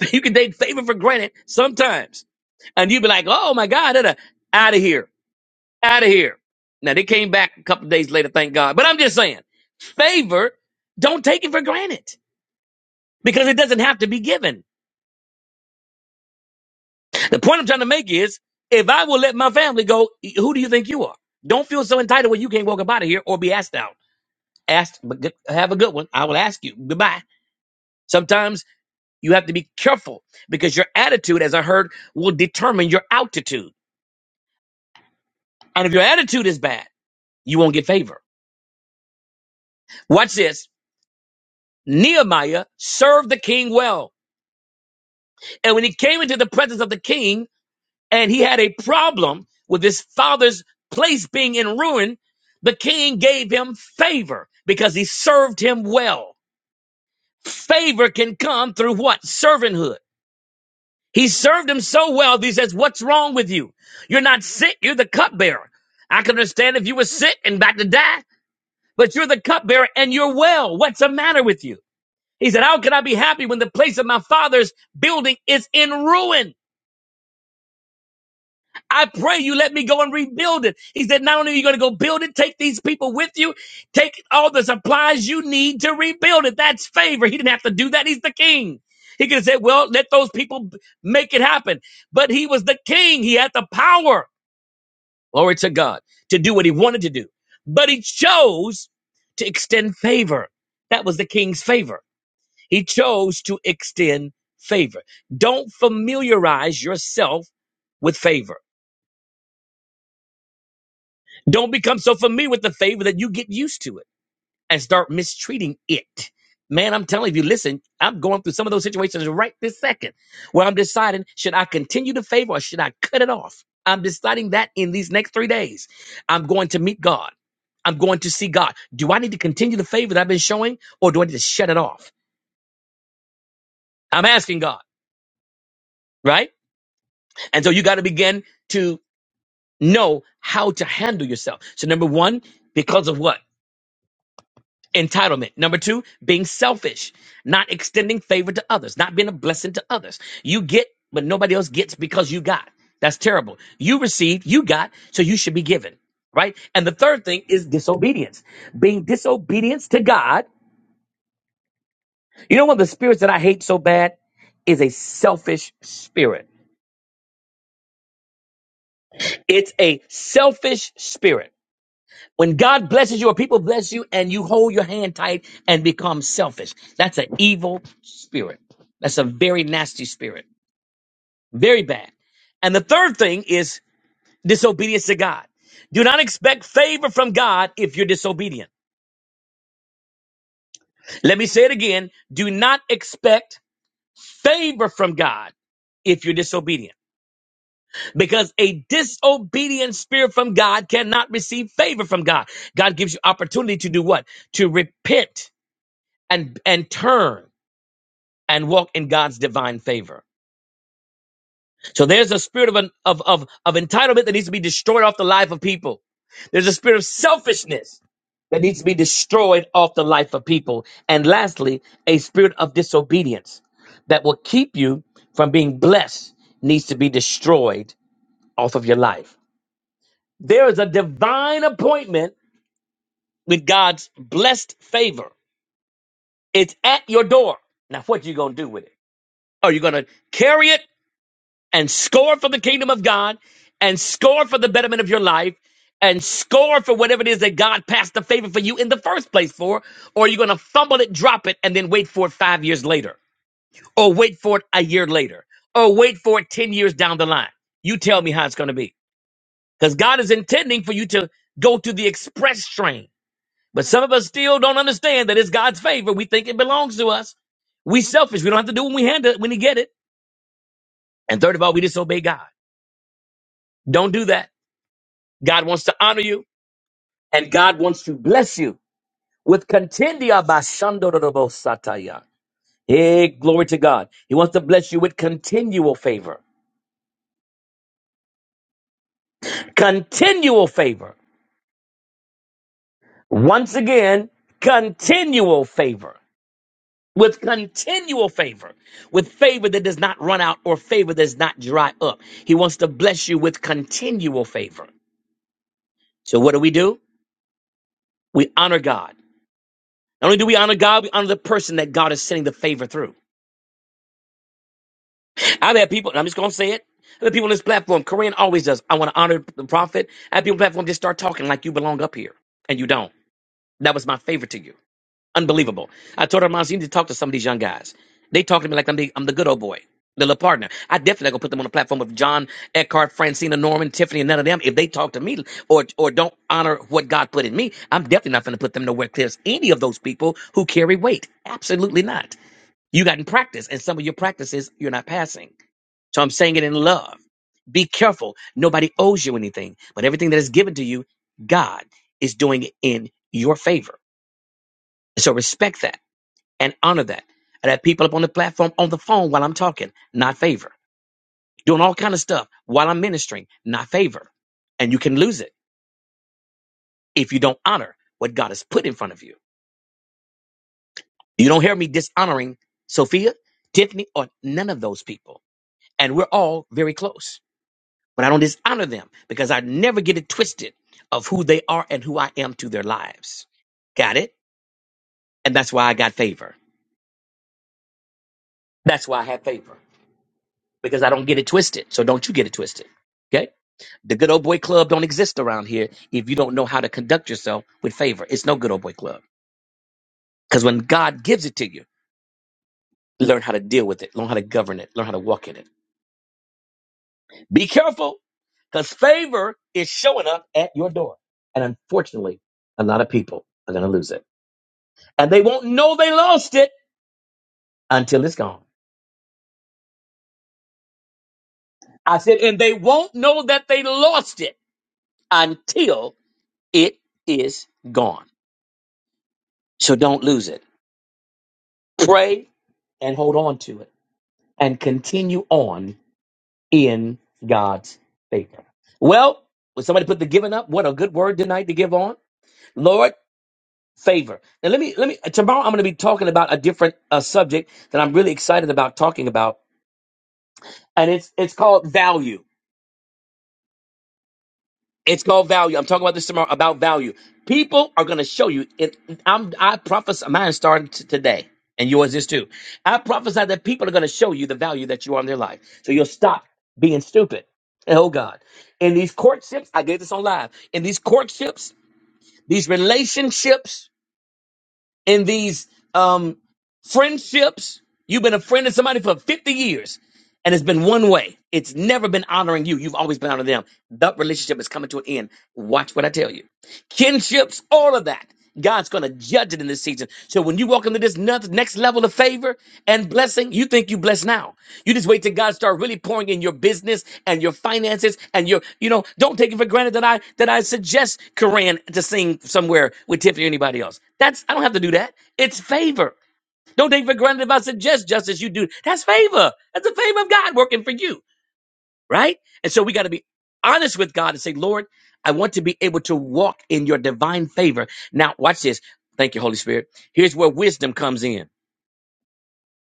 You can take favor for granted sometimes. And you be like, oh my God, out of here. Out of here. Now they came back a couple days later, thank God. But I'm just saying, favor, don't take it for granted because it doesn't have to be given. The point I'm trying to make is if I will let my family go, who do you think you are? Don't feel so entitled when you can't walk up out of here or be asked out. Asked, but good, have a good one. I will ask you. Goodbye. Sometimes you have to be careful because your attitude, as I heard, will determine your altitude. And if your attitude is bad, you won't get favor. Watch this. Nehemiah served the king well. And when he came into the presence of the king, and he had a problem with his father's place being in ruin, the king gave him favor because he served him well. Favor can come through what? Servanthood. He served him so well that he says, What's wrong with you? You're not sick, you're the cupbearer. I can understand if you were sick and about to die, but you're the cupbearer and you're well. What's the matter with you? He said, How can I be happy when the place of my father's building is in ruin? I pray you let me go and rebuild it. He said, not only are you going to go build it, take these people with you, take all the supplies you need to rebuild it. That's favor. He didn't have to do that. He's the king. He could have said, well, let those people b- make it happen. But he was the king. He had the power, glory to God, to do what he wanted to do. But he chose to extend favor. That was the king's favor. He chose to extend favor. Don't familiarize yourself with favor. Don't become so familiar with the favor that you get used to it and start mistreating it. Man, I'm telling you, listen, I'm going through some of those situations right this second where I'm deciding should I continue the favor or should I cut it off? I'm deciding that in these next three days. I'm going to meet God. I'm going to see God. Do I need to continue the favor that I've been showing or do I need to shut it off? I'm asking God, right? And so you got to begin to know how to handle yourself. So, number one, because of what? Entitlement. Number two, being selfish, not extending favor to others, not being a blessing to others. You get, but nobody else gets because you got. That's terrible. You received, you got, so you should be given, right? And the third thing is disobedience, being disobedience to God. You know, one of the spirits that I hate so bad is a selfish spirit. It's a selfish spirit. When God blesses you or people bless you and you hold your hand tight and become selfish, that's an evil spirit. That's a very nasty spirit. Very bad. And the third thing is disobedience to God. Do not expect favor from God if you're disobedient. Let me say it again. Do not expect favor from God if you're disobedient. Because a disobedient spirit from God cannot receive favor from God. God gives you opportunity to do what? To repent and, and turn. and walk in God's divine favor. So there's a spirit of, an, of, of, of entitlement that needs to be destroyed off the life of people. There's a spirit of selfishness that needs to be destroyed off the life of people. And lastly, a spirit of disobedience that will keep you from being blessed needs to be destroyed off of your life. There is a divine appointment with God's blessed favor. It's at your door. Now, what you going to do with it? Are you going to carry it? and score for the kingdom of God and score for the betterment of your life and score for whatever it is that God passed the favor for you in the first place for, or you're going to fumble it, drop it, and then wait for it five years later, or wait for it a year later, or wait for it 10 years down the line. You tell me how it's going to be. Because God is intending for you to go to the express train. But some of us still don't understand that it's God's favor. We think it belongs to us. We selfish. We don't have to do when we hand it, when we get it. And third of all, we disobey God. Don't do that. God wants to honor you and God wants to bless you with continua bashandorobosataya. Hey, glory to God. He wants to bless you with continual favor. Continual favor. Once again, continual favor. With continual favor, with favor that does not run out or favor that does not dry up. He wants to bless you with continual favor. So, what do we do? We honor God. Not only do we honor God, we honor the person that God is sending the favor through. I've had people, I'm just going to say it. I've had people on this platform, Korean always does. I want to honor the prophet. I have people on the platform just start talking like you belong up here, and you don't. That was my favor to you. Unbelievable. I told her, Mom, you need to talk to some of these young guys. They talk to me like I'm the, I'm the good old boy, the little partner. I definitely going to put them on the platform of John Eckhart, Francina Norman, Tiffany, and none of them. If they talk to me or, or don't honor what God put in me, I'm definitely not going to put them nowhere close any of those people who carry weight. Absolutely not. You got in practice, and some of your practices you're not passing. So I'm saying it in love. Be careful. Nobody owes you anything, but everything that is given to you, God is doing it in your favor. So respect that and honor that. And have people up on the platform on the phone while I'm talking, not favor. Doing all kind of stuff while I'm ministering, not favor. And you can lose it if you don't honor what God has put in front of you. You don't hear me dishonoring Sophia, Tiffany, or none of those people. And we're all very close. but I don't dishonor them because I never get it twisted of who they are and who I am to their lives. Got it? And that's why I got favor. That's why I have favor because I don't get it twisted. So don't you get it twisted. Okay? The good old boy club don't exist around here if you don't know how to conduct yourself with favor. It's no good old boy club because when God gives it to you, learn how to deal with it, learn how to govern it, learn how to walk in it. Be careful because favor is showing up at your door. And unfortunately, a lot of people are going to lose it. and they won't know they lost it until it's gone. I said, and they won't know that they lost it until it is gone. So don't lose it. Pray and hold on to it and continue on in God's favor. Well, would somebody put the giving up? What a good word tonight to give on. Lord, favor. Now let me let me tomorrow I'm going to be talking about a different uh, subject that I'm really excited about talking about and it's it's called value It's called value. I'm talking about this tomorrow about value. People are going to show you. It, I'm, I prophesy. Mine started t- today, and yours is too. I prophesy that people are going to show you the value that you are in their life. So you'll stop being stupid. Oh God! In these courtships, I did this on live. In these courtships, these relationships in these um, friendships. You've been a friend to somebody for 50 years, and it's been one way. It's never been honoring you. You've always been honoring them. That relationship is coming to an end. Watch what I tell you kinships, all of that. God's going to judge it in this season. So when you walk into this noth- next level of favor and blessing, you think you blessed now. You just wait till God start really pouring in your business and your finances and your, you know, don't take it for granted that I that I suggest Koran to sing somewhere with Tiffany or anybody else. That's I don't have to do that. It's favor. Don't take it for granted if I suggest justice you do. That's favor. That's the favor of God working for you right? And so we got to be honest with God and say, Lord, I want to be able to walk in your divine favor. Now, watch this. Thank you, Holy Spirit. Here's where wisdom comes in.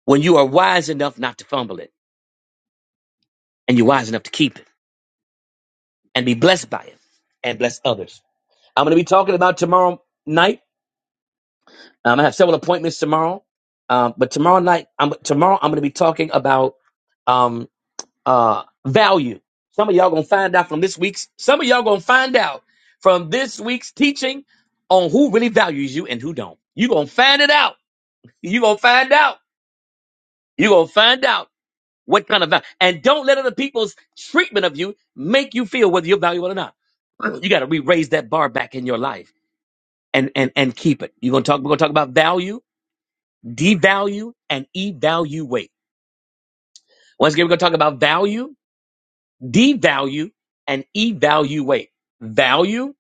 When you are wise enough not to fumble it, and you're wise enough to keep it, and be blessed by it, and bless others. I'm going to be talking about tomorrow night. I'm going to have several appointments tomorrow, um, but tomorrow night, I'm, tomorrow I'm going to be talking about. um, uh, value. Some of y'all gonna find out from this week's. Some of y'all gonna find out from this week's teaching on who really values you and who don't. You gonna find it out. You gonna find out. You gonna find out what kind of value. And don't let other people's treatment of you make you feel whether you're valuable or not. You gotta re-raise that bar back in your life and and and keep it. You're gonna talk. We're gonna talk about value, devalue, and evaluate. Once again, we're gonna talk about value devalue and evaluate. Value,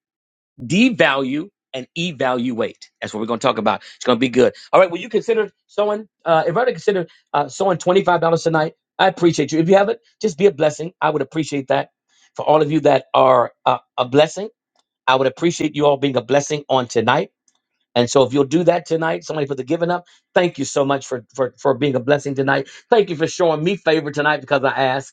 devalue, and evaluate. That's what we're going to talk about. It's going to be good. All right. Will you consider sowing? Uh, if I were to consider uh, sowing twenty five dollars tonight, I appreciate you. If you haven't, just be a blessing. I would appreciate that. For all of you that are uh, a blessing, I would appreciate you all being a blessing on tonight. And so, if you'll do that tonight, somebody put the giving up. Thank you so much for for for being a blessing tonight. Thank you for showing me favor tonight because I asked.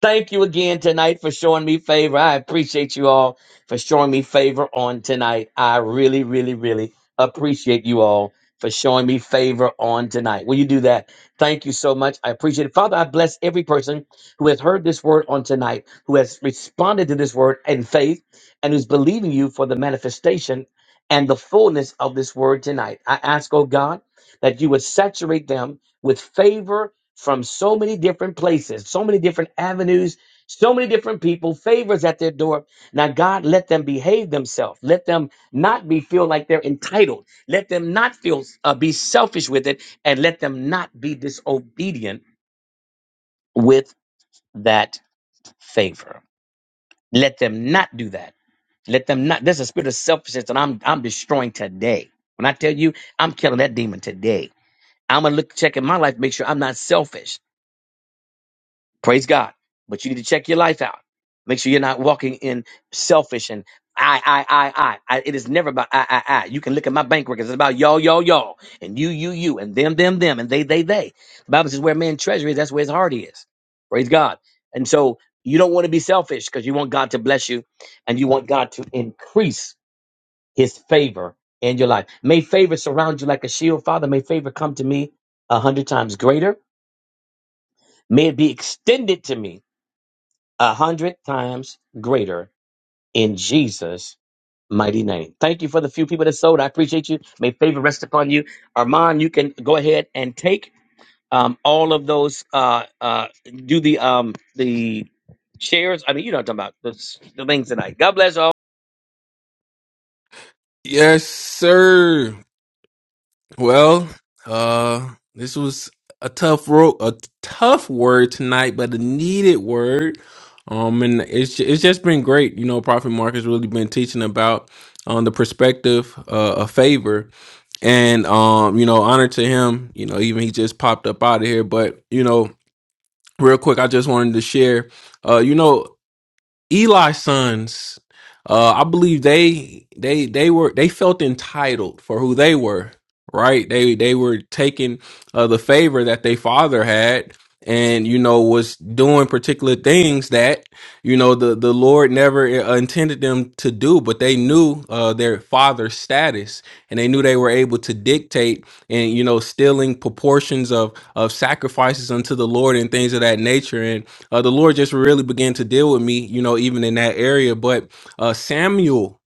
Thank you again tonight for showing me favor. I appreciate you all for showing me favor on tonight. I really, really, really appreciate you all for showing me favor on tonight. Will you do that? Thank you so much. I appreciate it. Father, I bless every person who has heard this word on tonight, who has responded to this word in faith, and who's believing you for the manifestation and the fullness of this word tonight. I ask, oh God, that you would saturate them with favor from so many different places, so many different avenues, so many different people, favors at their door. Now, God, let them behave themselves. Let them not be feel like they're entitled. Let them not feel uh, be selfish with it, and let them not be disobedient with that favor. Let them not do that. Let them not. There's a spirit of selfishness that I'm I'm destroying today. When I tell you, I'm killing that demon today. I'm gonna look check in my life, make sure I'm not selfish. Praise God. But you need to check your life out. Make sure you're not walking in selfish and I, I, I, I. I it is never about I, I, I. You can look at my bank records. It's about y'all, y'all, y'all, and you, you, you, and them, them, them, and they, they, they. The Bible says where man's treasure is, that's where his heart is. Praise God. And so you don't want to be selfish because you want God to bless you and you want God to increase his favor in your life. May favor surround you like a shield, Father. May favor come to me a hundred times greater. May it be extended to me a hundred times greater in Jesus' mighty name. Thank you for the few people that sold. I appreciate you. May favor rest upon you. Armand, you can go ahead and take um, all of those, uh, uh, do the um, the shares. I mean, you know what I'm talking about, the, the things tonight. God bless all. Yes, sir. Well, uh, this was a tough ro- a tough word tonight, but a needed word. Um, and it's ju- it's just been great. You know, Prophet Mark has really been teaching about um the perspective uh, of favor, and um, you know, honor to him. You know, even he just popped up out of here, but you know, real quick, I just wanted to share. Uh, you know. Eli's sons, uh, I believe they they they were they felt entitled for who they were, right? They they were taking uh, the favor that their father had, and you know was doing particular things that you know the the Lord never uh, intended them to do, but they knew uh, their father's status, and they knew they were able to dictate and you know stealing proportions of of sacrifices unto the Lord and things of that nature, uh, the Lord just really began to deal with me, you know, even in that area. But uh, Samuel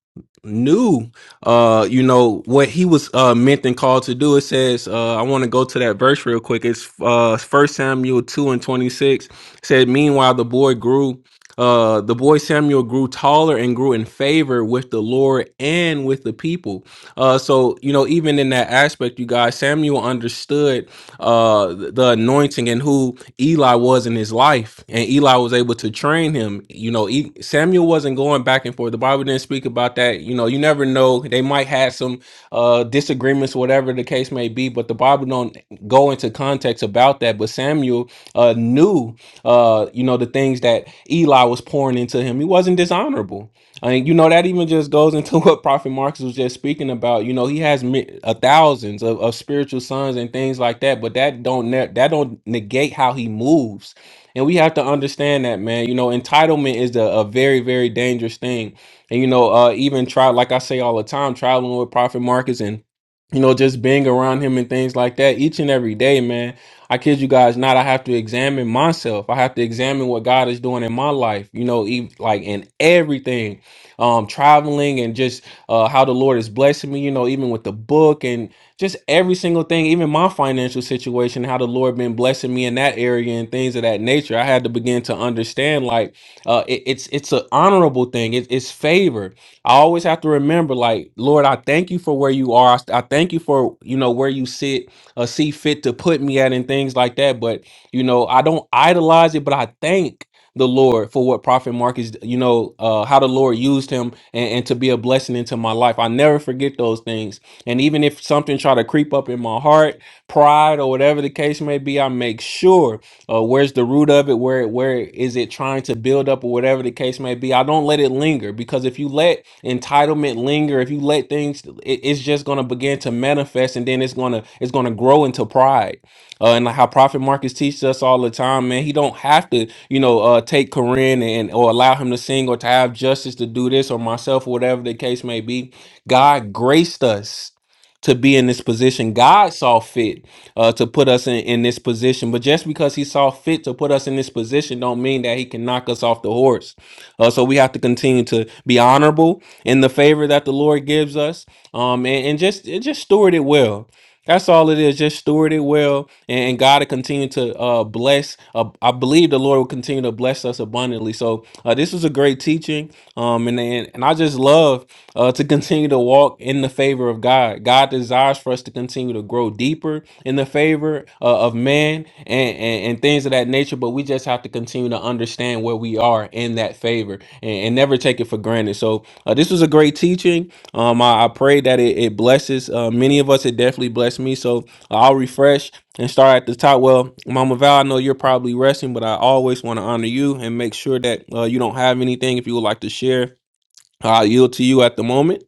knew, uh, you know, what he was uh, meant and called to do. It says, uh, I want to go to that verse real quick. It's uh, 1 Samuel 2 and 26. It said, Meanwhile, the boy grew uh, the boy Samuel grew taller and grew in favor with the Lord and with the people. Uh, so you know, even in that aspect, you guys, Samuel understood uh, th- the anointing and who Eli was in his life, and Eli was able to train him. You know, E- Samuel wasn't going back and forth. The Bible didn't speak about that. You know, you never know. They might have some uh disagreements, whatever the case may be, but the Bible don't go into context about that. But Samuel uh knew uh, you know, the things that Eli was pouring into him. He wasn't dishonorable. I mean, you know, that even just goes into what Prophet Marcus was just speaking about. You know, he has mi- uh, thousands of, of spiritual sons and things like that, but that don't ne- that don't negate how he moves and we have to understand that, man. You know, entitlement is a, a very, very dangerous thing. And, you know, uh, even try, like I say all the time, traveling with Prophet Marcus and, you know, just being around him and things like that each and every day, man. I kid you guys not. I have to examine myself. I have to examine what God is doing in my life, you know, ev- like in everything, um, traveling and just uh, how the Lord is blessing me, you know, even with the book and just every single thing, even my financial situation, how the Lord been blessing me in that area and things of that nature. I had to begin to understand like uh, it- it's it's an honorable thing. It, it's favor. I always have to remember like Lord, I thank you for where you are. I, thank you for you know where you sit, uh, see fit to put me at and things like that. But you know I don't idolize it, but I thank the Lord for what Prophet Marcus, you know, uh, how the Lord used him and, and to be a blessing into my life. I never forget those things and even if something try to creep up in my heart, pride or whatever the case may be, I make sure uh, where's the root of it, where where is it trying to build up or whatever the case may be. I don't let it linger because if you let entitlement linger, if you let things, it, it's just gonna begin to manifest and then it's gonna it's gonna grow into pride. Uh, and how Prophet Marcus teaches us all the time, man, he don't have to, you know, uh, take Corinne and or allow him to sing or to have justice to do this or myself or whatever the case may be. God graced us to be in this position. God saw fit uh, to put us in, in this position, but just because He saw fit to put us in this position, don't mean that He can knock us off the horse. Uh, so we have to continue to be honorable in the favor that the Lord gives us, um, and, and just and just steward it well. That's all it is. Just steward it well, and, and God will continue to uh, bless. Uh, I believe the Lord will continue to bless us abundantly. So uh, this was a great teaching um and and, and i just love uh to continue to walk in the favor of god god desires for us to continue to grow deeper in the favor uh, of man and, and and things of that nature but we just have to continue to understand where we are in that favor and, and never take it for granted so uh, this was a great teaching um i, I pray that it, it blesses uh, many of us it definitely blessed me so i'll refresh and start at the top. Well, Mama Val, I know you're probably resting, but I always want to honor you and make sure that uh, you don't have anything. If you would like to share, I'll yield to you at the moment.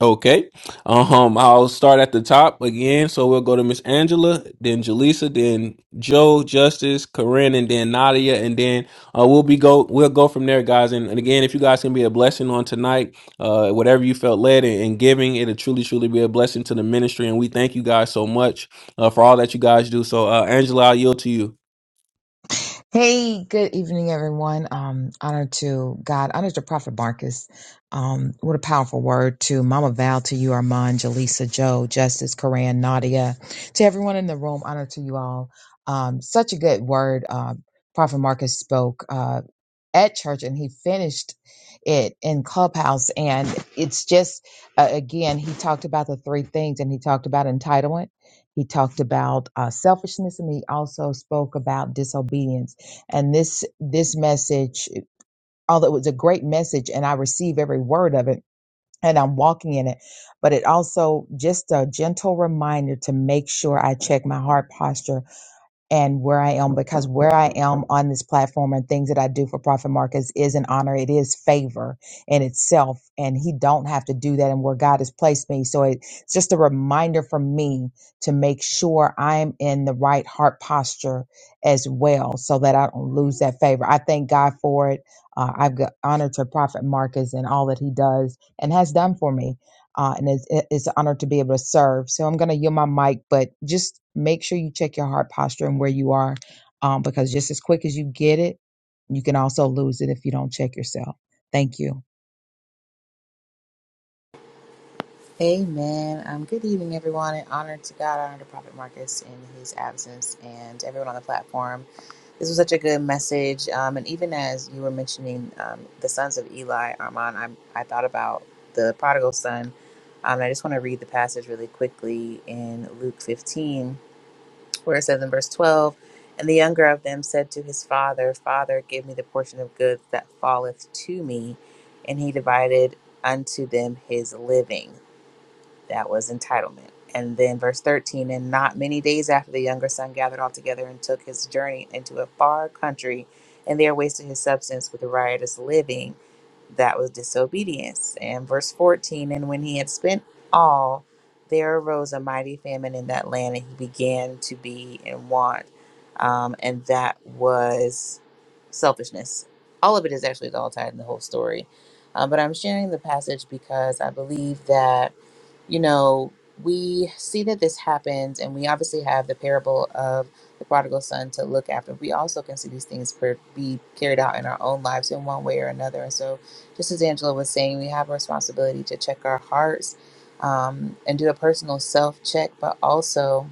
Okay. Um, I'll start at the top again. So we'll go to Miss Angela, then Jaleesa, then Joe, Justice, Corinne, and then Nadia, and then uh, we'll be go we'll go from there, guys. And, and again, if you guys can be a blessing on tonight, uh, whatever you felt led in, in giving, it'll truly, truly be a blessing to the ministry. And we thank you guys so much uh, for all that you guys do. So, uh, Angela, I'll yield to you. Hey, good evening, everyone. Um, honor to God, honor to Prophet Marcus. Um, what a powerful word to Mama Val, to you, Armand, Jaleesa, Joe, Justice, Karan, Nadia, to everyone in the room. Honor to you all. Um, such a good word. Uh, Prophet Marcus spoke. Uh. at church and he finished it in clubhouse and it's just uh, again he talked about the three things and he talked about entitlement he talked about uh, selfishness and he also spoke about disobedience and this this message although it was a great message and i receive every word of it and i'm walking in it but it also just a gentle reminder to make sure i check my heart posture and where I am because where I am on this platform and things that I do for Prophet Marcus is an honor. It is favor in itself, and he don't have to do that. And where God has placed me, so it's just a reminder for me to make sure I'm in the right heart posture as well, so that I don't lose that favor. I thank God for it. Uh, I've got honor to Prophet Marcus and all that he does and has done for me uh, and it's, it- it's an honor to be able to serve. So I'm going to yield my mic, but just make sure you check your heart posture and where you are, um, because just as quick as you get it, you can also lose it if you don't check yourself. Thank you. Amen. Um, good evening, everyone, and honor to God, honor to Prophet Marcus in his absence, and everyone on the platform. This was such a good message, um, and even as you were mentioning um, the sons of Eli, Armand, I, I thought about the prodigal son. Um, and I just want to read the passage really quickly in Luke 15, where it says in verse 12, "And the younger of them said to his father, 'Father, give me the portion of goods that falleth to me,' and he divided unto them his living." That was entitlement. And then verse 13, and not many days after the younger son gathered all together and took his journey into a far country, and there wasted his substance with riotous living. That was disobedience. And verse 14, and when he had spent all, there arose a mighty famine in that land, and he began to be in want. Um, and that was selfishness. All of it is actually all tied in the whole story. Um, but I'm sharing the passage because I believe that you know, we see that this happens, and we obviously have the parable of the prodigal son to look after. We also can see these things per- be carried out in our own lives in one way or another. And so, just as Angela was saying, we have a responsibility to check our hearts um, and do a personal self check, but also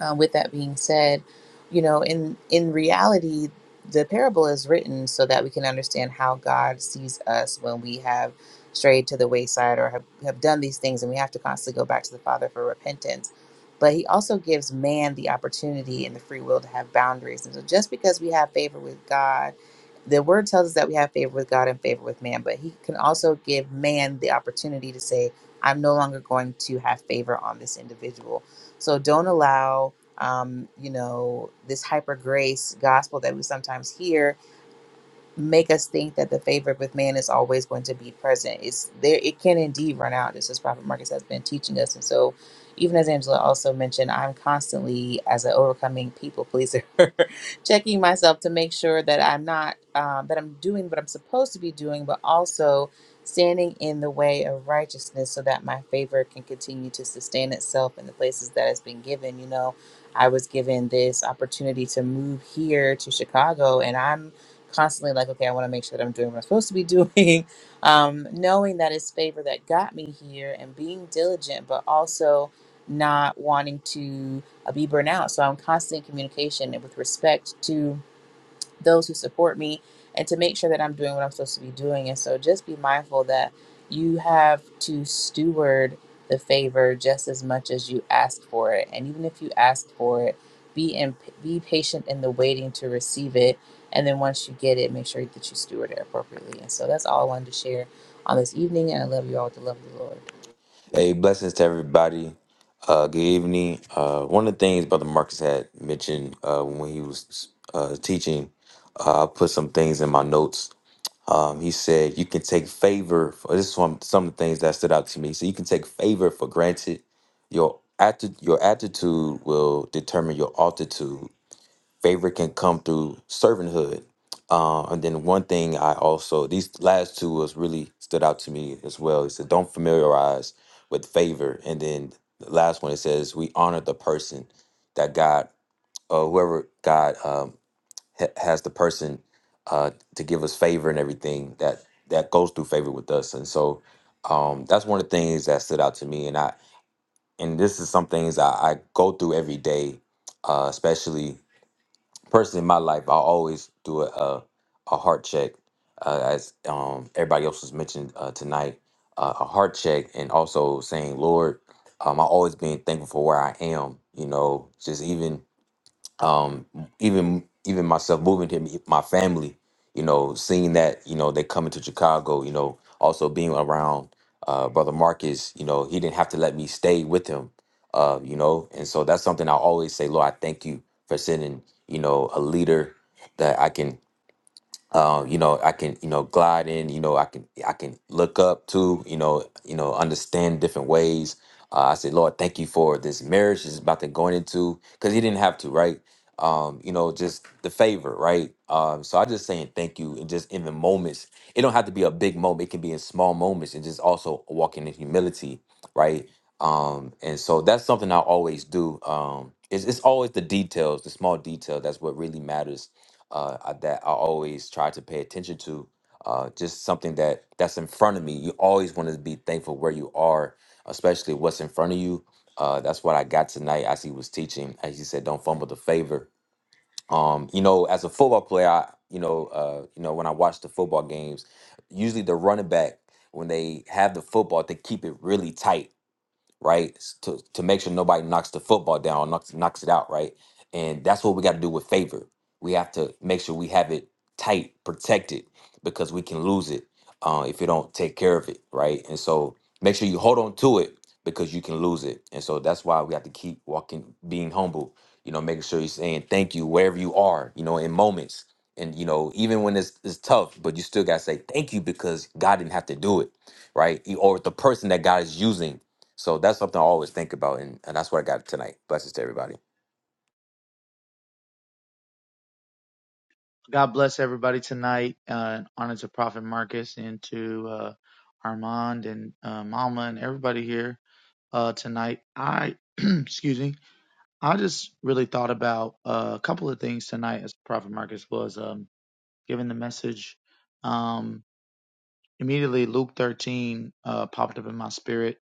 uh, with that being said, you know, in in reality, the parable is written so that we can understand how God sees us when we have strayed to the wayside or have, have done these things, and we have to constantly go back to the Father for repentance. But He also gives man the opportunity and the free will to have boundaries. And so, just because we have favor with God, the Word tells us that we have favor with God and favor with man, but He can also give man the opportunity to say, "I'm no longer going to have favor on this individual." So don't allow, um, you know, this hyper grace gospel that we sometimes hear make us think that the favor with man is always going to be present. It's there it can indeed run out, just as Prophet Marcus has been teaching us. And so even as Angela also mentioned, I'm constantly as an overcoming people pleaser, checking myself to make sure that I'm not um, that I'm doing what I'm supposed to be doing, but also standing in the way of righteousness so that my favor can continue to sustain itself in the places that it's been given. You know, I was given this opportunity to move here to Chicago and I'm constantly like, okay, I want to make sure that I'm doing what I'm supposed to be doing. Um, knowing that it's favor that got me here and being diligent, but also not wanting to uh, be burnt out. So I'm constantly in communication and with respect to those who support me and to make sure that I'm doing what I'm supposed to be doing. And so just be mindful that you have to steward the favor just as much as you ask for it. And even if you ask for it, be in, be patient in the waiting to receive it. And then once you get it, make sure that you steward it appropriately. And so that's all I wanted to share on this evening. And I love you all with the love of the Lord. Hey, blessings to everybody. Uh, good evening. Uh, one of the things Brother Marcus had mentioned uh, when he was uh, teaching, uh, I put some things in my notes. Um, he said you can take favor. For, this is one, some of the things that stood out to me. So you can take favor for granted. Your atti- your attitude will determine your altitude. favor can come through servanthood. Uh, and then one thing I also these last two was really stood out to me as well. It said don't familiarize with favor, and then the last one it says we honor the person that God, uh, whoever God um, ha- has the person uh, to give us favor and everything that that goes through favor with us. And so um, that's one of the things that stood out to me. And I and this is some things I, I go through every day, uh, especially personally in my life, I always do a a, a heart check, uh, as um, everybody else was mentioned uh, tonight. Uh, a heart check, and also saying, Lord, um, I always being thankful for where I am. You know, just even um even even myself moving to me- my family you know seeing that you know they coming to chicago you know also being around uh brother marcus you know he didn't have to let me stay with him uh you know and so that's something i always say lord i thank you for sending you know a leader that i can uh, you know, I can, you know, glide in, you know, I can, I can look up to, you know, you know, understand different ways. Uh, I said, Lord, thank you for this marriage is about to going into, because he didn't have to, right? Um, you know, just the favor, right? Um, so I just saying thank you, and just in the moments, it don't have to be a big moment. It can be in small moments, and just also walking in humility, right? Um, and so that's something I always do. Um, it's, it's always the details, the small detail. That's what really matters uh, I- that I always try to pay attention to. Uh, just something that that's in front of me. You always want to be thankful where you are, especially what's in front of you. Uh, that's what I got tonight as he was teaching. As he said, don't fumble the favor. Um, you know, as a football player, I, you know, uh, you know, when I watch the football games, usually the running back when they have the football, they keep it really tight right? S- To to make sure nobody knocks the football down, knocks knocks it out, right? And that's what we got to do with favor. We have to make sure we have it tight, protected, because we can lose it uh, if you don't take care of it, right? And so make sure you hold on to it because you can lose it. And so that's why we have to keep walking, being humble. You know, making sure you're saying thank you wherever you are. You know, in moments. And you know, even when it's, it's tough, but you still gotta say thank you because God didn't have to do it, right? E- Or the person that God is using so that's something I always think about, and, and that's what I got tonight. Blessings to everybody. God bless everybody tonight. Uh, honor to Prophet Marcus and to uh, Armand and uh, Mama and everybody here uh, tonight. I, excuse me, I just really thought about uh, a couple of things tonight as Prophet Marcus was um, giving the message. Um, immediately, Luke 13 uh, popped up in my spirit.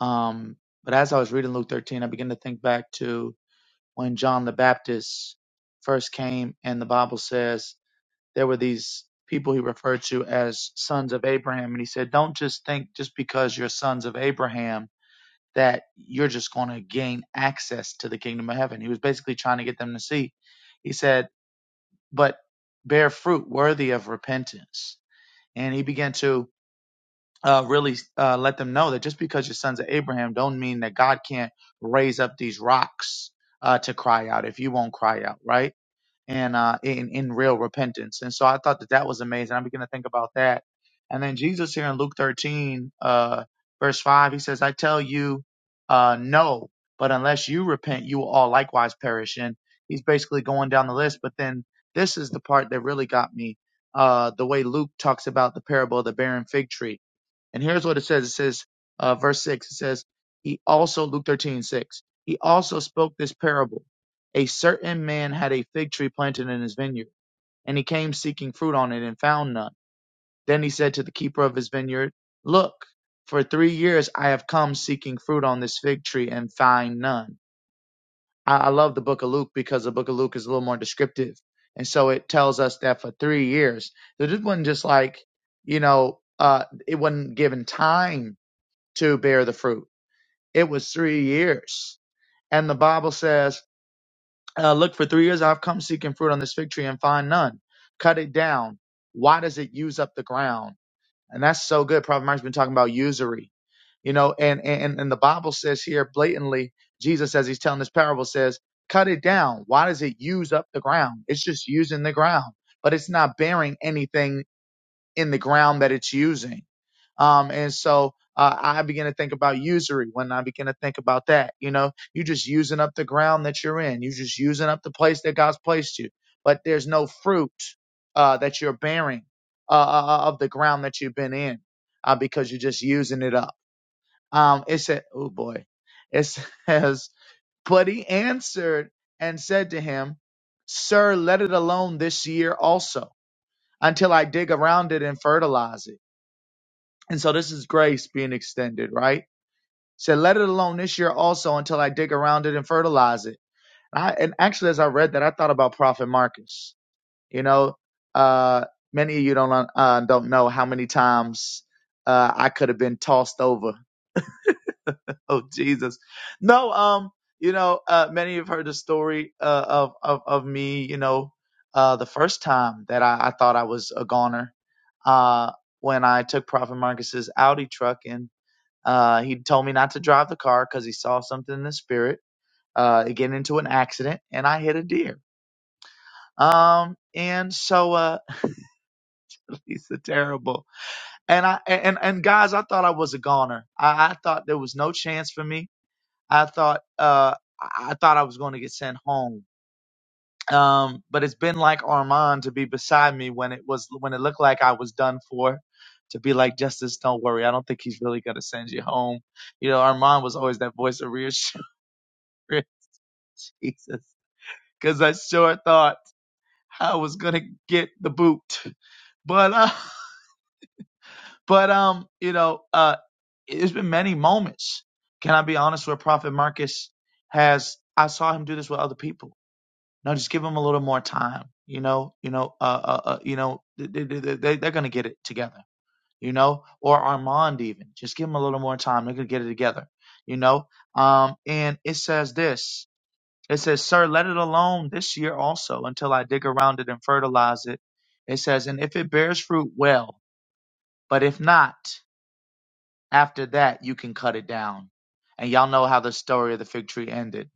Um, but as I was reading Luke 13, I began to think back to when John the Baptist first came, and the Bible says, there were these people he referred to as sons of Abraham. And he said, don't just think just because you're sons of Abraham that you're just going to gain access to the kingdom of heaven. He was basically trying to get them to see. He said, but bear fruit worthy of repentance. And he began to uh, really uh, let them know that just because you're sons of Abraham, don't mean that God can't raise up these rocks uh, to cry out if you won't cry out, right? and uh, in in real repentance. And so I thought that that was amazing. I began to think about that. And then Jesus here in Luke 13, uh, verse 5, he says, "I tell you, uh, no, but unless you repent, you will all likewise perish." And he's basically going down the list. But then this is the part that really got me. Uh, the way Luke talks about the parable of the barren fig tree and here's what it says. It says, uh, verse six, it says, he also, Luke 13:6. he also spoke this parable. A certain man had a fig tree planted in his vineyard and he came seeking fruit on it and found none. Then he said to the keeper of his vineyard, look, for three years I have come seeking fruit on this fig tree and find none. I, I love the book of Luke because the book of Luke is a little more descriptive. And so it tells us that for three years, it wasn't just like, you know, uh, it wasn't given time to bear the fruit. It was three years. And the Bible says, uh, Look, for three years I've come seeking fruit on this fig tree and find none. Cut it down. Why does it use up the ground? And that's so good. Prophet Mark's been talking about usury, you know, and, and, and the Bible says here blatantly, Jesus, as he's telling this parable, says, Cut it down. Why does it use up the ground? It's just using the ground, but it's not bearing anything in the ground that it's using. Um, and so uh, I begin to think about usury when I begin to think about that. You know, you're just using up the ground that you're in. You're just using up the place that God's placed you. But there's no fruit uh, that you're bearing uh, uh, uh, of the ground that you've been in uh, because you're just using it up. Um, it said, oh boy, it says, but he answered and said to him, Sir, let it alone this year also until I dig around it and fertilize it. And so this is grace being extended, right? Said, let it alone this year also until I dig around it and fertilize it. And, I, and actually, as I read that, I thought about Prophet Marcus. You know, uh, many of you don't uh, don't know how many times uh, I could have been tossed over. Oh Jesus, no. Um, you know, uh, many have heard the story uh, of of of me. You know, uh, the first time that I, I thought I was a goner, uh, when I took Prophet Marcus's Audi truck and uh, he told me not to drive the car because he saw something in the spirit. Uh, get into an accident, and I hit a deer. Um, and so uh, he's a terrible. And I and and guys, I thought I was a goner. I, I thought there was no chance for me. I thought uh, I I thought I was going to get sent home. Um, but it's been like Armand to be beside me when it was when it looked like I was done for. To be like, Justice, don't worry. I don't think he's really gonna send you home. You know, Armand was always that voice of reassurance Jesus, because I sure thought I was gonna get the boot. But uh, but um, you know, uh, it's been many moments. Can I be honest? Where Prophet Marcus has, I saw him do this with other people. No, just give him a little more time. You know, you know, uh, uh, uh you know, they, they, they, they're gonna get it together. You know, or Armand even. Just give him a little more time. They're gonna get it together. You know, um, and it says this. It says, Sir, let it alone this year also until I dig around it and fertilize it. It says, And if it bears fruit, well. But if not, after that, you can cut it down. And y'all know how the story of the fig tree ended.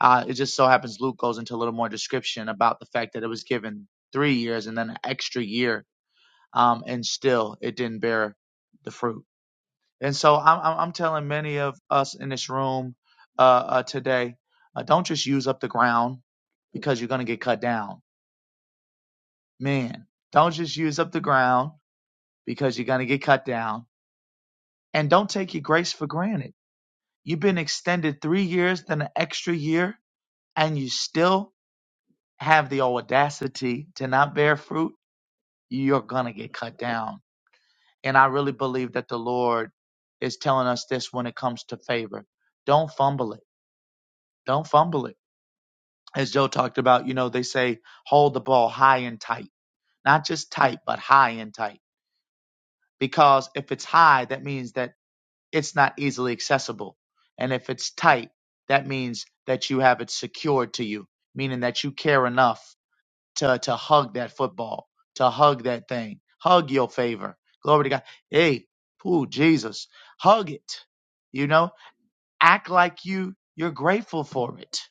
Uh, it just so happens Luke goes into a little more description about the fact that it was given three years and then an extra year. Um, and still, it didn't bear the fruit. And so I'm, I'm I'm telling many of us in this room uh, uh, today, uh, don't just use up the ground because you're going to get cut down. Man, don't just use up the ground because you're going to get cut down. And don't take your grace for granted. You've been extended three years, then an extra year, and you still have the audacity to not bear fruit. You're going to get cut down. And I really believe that the Lord is telling us this when it comes to favor. Don't fumble it. Don't fumble it as Joe talked about, you know, they say hold the ball high and tight, not just tight, but high and tight. Because if it's high, that means that it's not easily accessible. And if it's tight, that means that you have it secured to you, meaning that you care enough to, to hug that football, to hug that thing, hug your favor. Glory to God. Hey, ooh, Jesus, hug it. You know, act like you, you're grateful for it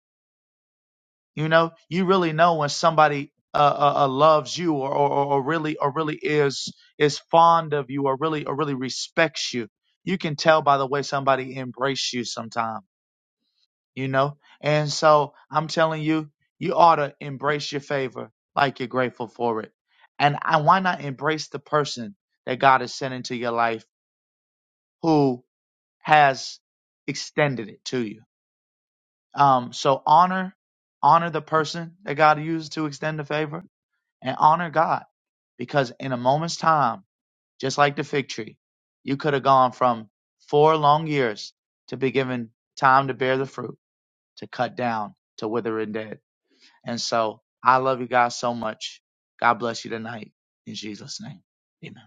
You know, you really know when somebody uh, uh, uh, loves you or, or, or or really or really is is fond of you or really or really respects you. You can tell by the way somebody embrace you sometime, you know? And so I'm telling you, you ought to embrace your favor like you're grateful for it. And I, why not embrace the person that God has sent into your life who has extended it to you? Um, so honor, honor the person that God used to extend the favor and honor God because in a moment's time, just like the fig tree, you could have gone from four long years to be given time to bear the fruit, to cut down, to wither and dead. And so I love you guys so much. God bless you tonight. In Jesus' name. Amen.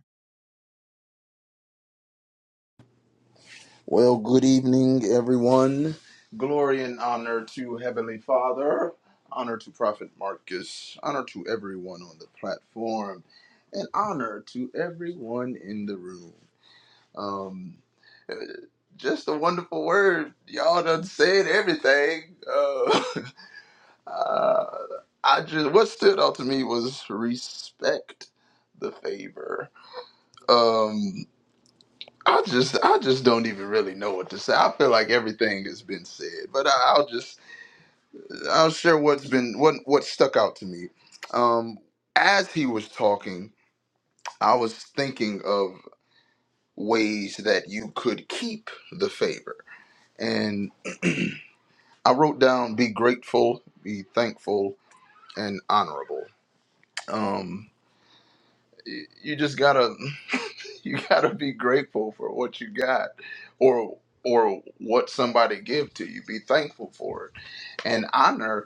Well, good evening, everyone. Glory and honor to Heavenly Father, honor to Prophet Marcus, honor to everyone on the platform, and honor to everyone in the room. Um, just a wonderful word. Y'all done said everything. Uh, uh, I just what stood out to me was respect the favor. Um, I just I just don't even really know what to say. I feel like everything has been said, but I, I'll just I'll share what's been what what stuck out to me. Um, as he was talking, I was thinking of ways that you could keep the favor and. I wrote down be grateful, be thankful, and honorable. Um, you just gotta you gotta be grateful for what you got, or or what somebody give to you. Be thankful for it and honor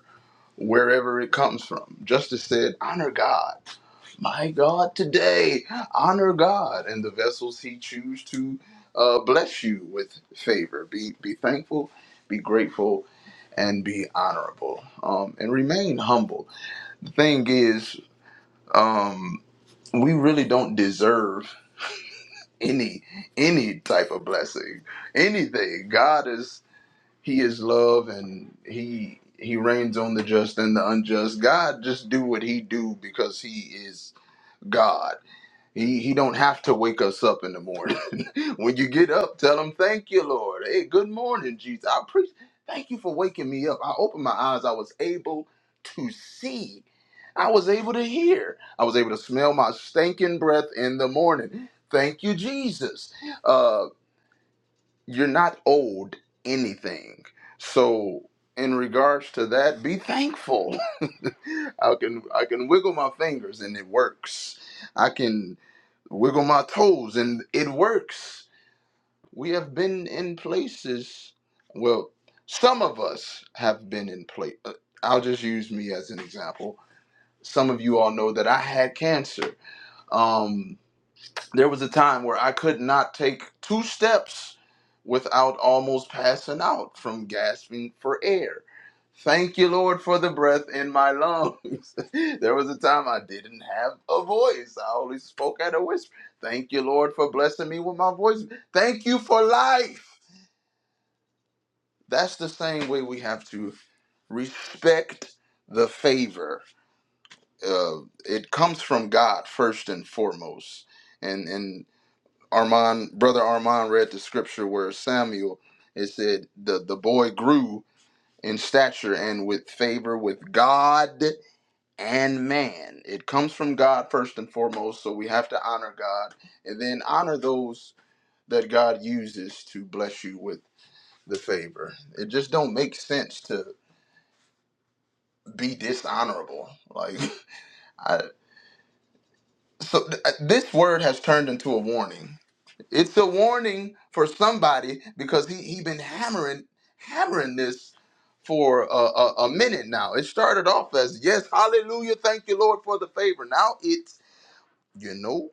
wherever it comes from. Justice said, honor God. My God, today, honor God and the vessels he choose to uh, bless you with favor. Be, be thankful, be grateful, and be honorable. Um, and remain humble. The thing is, um, we really don't deserve any any type of blessing anything god is he is love, and he he reigns on the just and the unjust. God just do what he do because he is God. He he don't have to wake us up in the morning. when you get up, tell him thank you, Lord. Hey, good morning, Jesus. I preach. Thank you for waking me up. I opened my eyes. I was able to see. I was able to hear. I was able to smell my stinking breath in the morning. Thank you, Jesus Uh, you're not owed anything. So in regards to that, be thankful. I can I can wiggle my fingers and it works. I can wiggle my toes and it works. We have been in places. Well, some of us have been in place. I'll just use me as an example. Some of you all know that I had cancer. Um, there was a time where I could not take two steps without almost passing out from gasping for air. Thank you, Lord, for the breath in my lungs. there was a time I didn't have a voice. I only spoke at a whisper. Thank you, Lord, for blessing me with my voice. Thank you for life. That's the same way we have to respect the favor. Uh, it comes from God first and foremost. and and. Armand, brother Armand read the scripture where Samuel it said the the boy grew in stature and with favor with God and man. It comes from God first and foremost, so we have to honor God and then honor those that God uses to bless you with the favor. It just don't make sense to be dishonorable. Like I so th- this word has turned into a warning It's a warning for somebody because he he been hammering hammering this for a, a, a minute now. It started off as yes, hallelujah, thank you, Lord, for the favor. Now it's you know,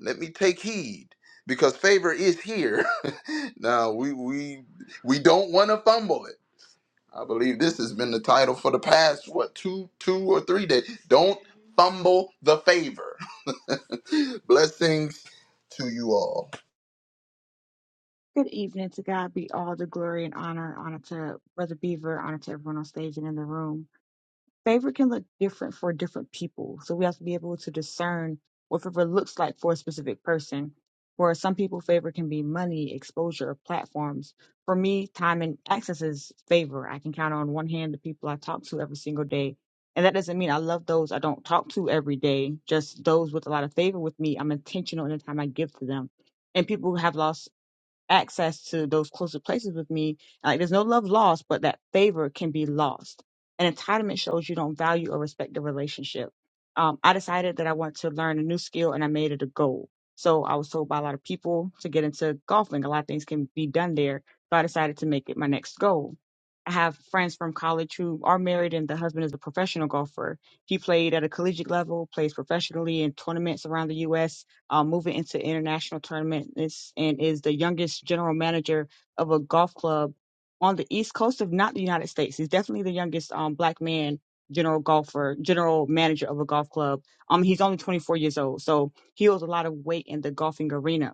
let me take heed because favor is here. now we we we don't want to fumble it. I believe this has been the title for the past what two two or three days. Don't fumble the favor. Blessings to you all. Good evening. To God be all the glory and honor. Honor to Brother Beaver. Honor to everyone on stage and in the room. Favor can look different for different people. So we have to be able to discern what favor looks like for a specific person. For some people, favor can be money, exposure, or platforms. For me, time and access is favor. I can count on one hand the people I talk to every single day. And that doesn't mean I love those I don't talk to every day, just those with a lot of favor with me. I'm intentional in the time I give to them and people who have lost access to those closer places with me. Like there's no love lost, but that favor can be lost. And entitlement shows you don't value or respect the relationship. Um, I decided that I want to learn a new skill and I made it a goal. So I was told by a lot of people to get into golfing. A lot of things can be done there. So I decided to make it my next goal. I have friends from college who are married and the husband is a professional golfer. He played at a collegiate level, plays professionally in tournaments around the US um, moving into international tournaments and is the youngest general manager of a golf club on the east coast of not the United States. He's definitely the youngest um, black man general golfer, general manager of a golf club. Um, he's only 24 years old, so he holds a lot of weight in the golfing arena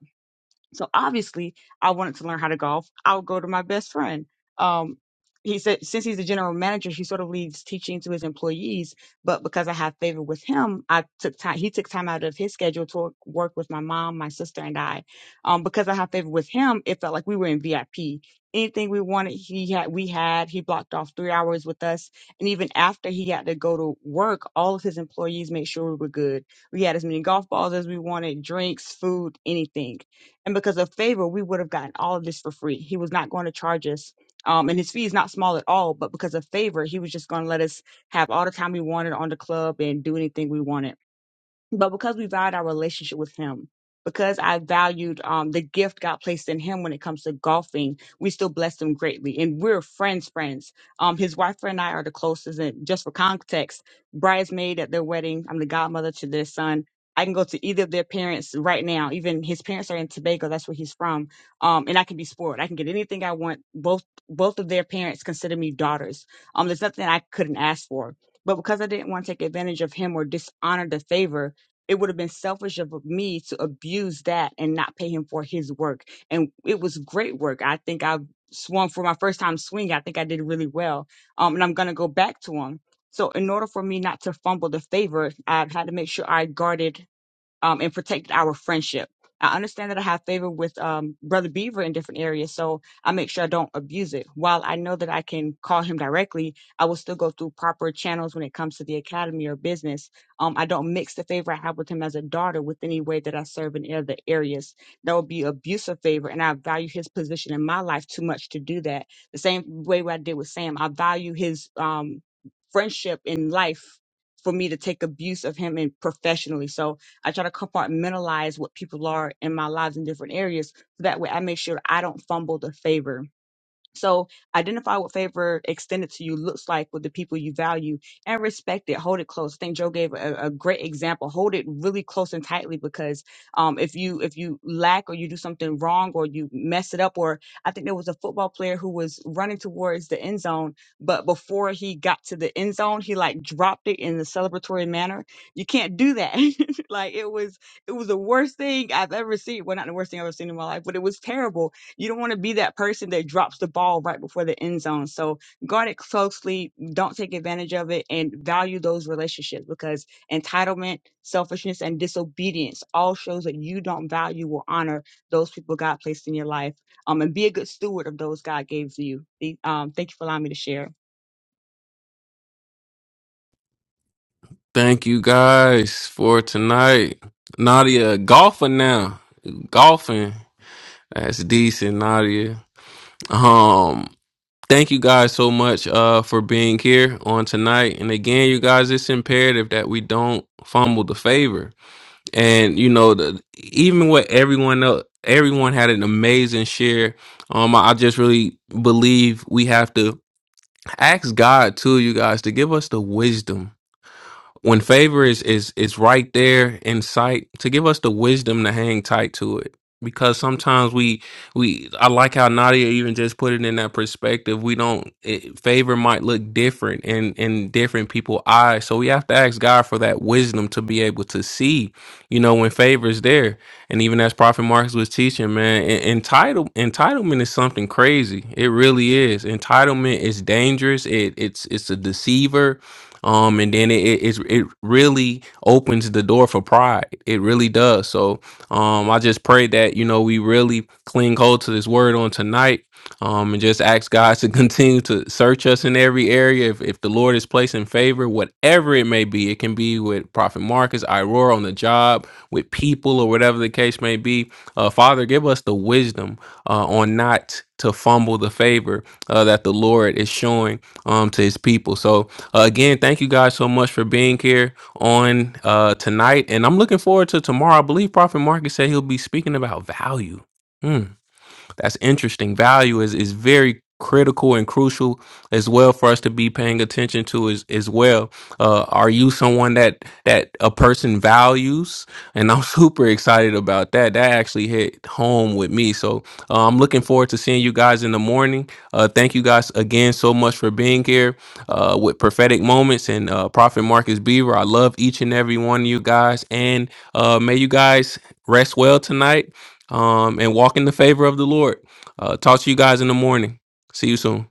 so obviously, I wanted to learn how to golf. I would go to my best friend. Um, he said, since he's the general manager, he sort of leaves teaching to his employees. But because I have favor with him, I took time. He took time out of his schedule to work work with my mom, my sister, and I. Um, because I have favor with him, it felt like we were in VIP. Anything we wanted, he had. We had. He blocked off three hours with us, and even after he had to go to work, all of his employees made sure we were good. We had as many golf balls as we wanted, drinks, food, anything and because of favor, we would have gotten all of this for free. He was not going to charge us. Um, and his fee is not small at all, but because of favor, he was just going to let us have all the time we wanted on the club and do anything we wanted but because we valued our relationship with him because i valued um, the gift god placed in him when it comes to golfing we still blessed him greatly and we're friends friends um, his wife and i are the closest and just for context bridesmaid at their wedding i'm the godmother to their son i can go to either of their parents right now even his parents are in tobago that's where he's from um, and i can be spoiled i can get anything i want both both of their parents consider me daughters um, there's nothing i couldn't ask for but because i didn't want to take advantage of him or dishonor the favor it would have been selfish of me to abuse that and not pay him for his work. And it was great work. I think I swung for my first time swinging. I think I did really well. Um, and I'm going to go back to him. So in order for me not to fumble the favor, I had to make sure I guarded um, and protected our friendship. I understand that I have favor with um, Brother Beaver in different areas, so I make sure I don't abuse it. While I know that I can call him directly, I will still go through proper channels when it comes to the academy or business. Um, I don't mix the favor I have with him as a daughter with any way that I serve in other areas. That would be abuse of favor, and I value his position in my life too much to do that. The same way what I did with Sam, I value his um, friendship in life for me to take abuse of him and professionally. So I try to compartmentalize what people are in my lives in different areas so that way I make sure I don't fumble the favor so identify what favor extended to you looks like with the people you value and respect it. Hold it close. I think Joe gave a, a great example. Hold it really close and tightly because um, if you if you lack or you do something wrong or you mess it up or I think there was a football player who was running towards the end zone, but before he got to the end zone, he like dropped it in the celebratory manner. You can't do that. like it was it was the worst thing I've ever seen. Well, not the worst thing I've ever seen in my life, but it was terrible you don't want to be that person that drops the ball right before the end zone. So guard it closely. Don't take advantage of it and value those relationships because entitlement, selfishness, and disobedience all shows that you don't value or honor those people God placed in your life. Um, and be a good steward of those God gave you. The- Um, thank you for allowing me to share. Thank you guys for tonight. Nadia, golfing now. Golfing. That's decent, Nadia. Um, thank you guys so much uh for being here on tonight. And again, you guys, it's imperative that we don't fumble the favor. And you know, the even with everyone else, everyone had an amazing share. Um, I I just really believe we have to ask God too, you guys, to give us the wisdom when favor is is is right there in sight to give us the wisdom to hang tight to it because sometimes we we i like how nadia even just put it in that perspective we don't it, favor might look different in in different people's eyes so we have to ask god for that wisdom to be able to see you know when favor is there and even as prophet marcus was teaching man en- entitle entitlement is something crazy it really is entitlement is dangerous it it's it's a deceiver um and then it it, it it really opens the door for pride it really does so um i just pray that you know we really cling hold to this word on tonight um and just ask god to continue to search us in every area if, if the lord is placing favor whatever it may be it can be with prophet marcus iroar on the job with people or whatever the case may be uh father give us the wisdom uh on not to fumble the favor uh, that the lord is showing um to his people so uh, again, thank you guys so much for being here on uh, tonight. And I'm looking forward to tomorrow. I believe Prophet Marcus said he'll be speaking about value. Mm. That's interesting. Value is is very critical and crucial as well for us to be paying attention to as, as well uh are you someone that that a person values and i'm super excited about that that actually hit home with me so uh, i'm looking forward to seeing you guys in the morning uh thank you guys again so much for being here uh with prophetic moments and uh prophet marcus beaver i love each and every one of you guys and uh may you guys rest well tonight um, and walk in the favor of the Lord. Uh, talk to you guys in the morning. See you soon.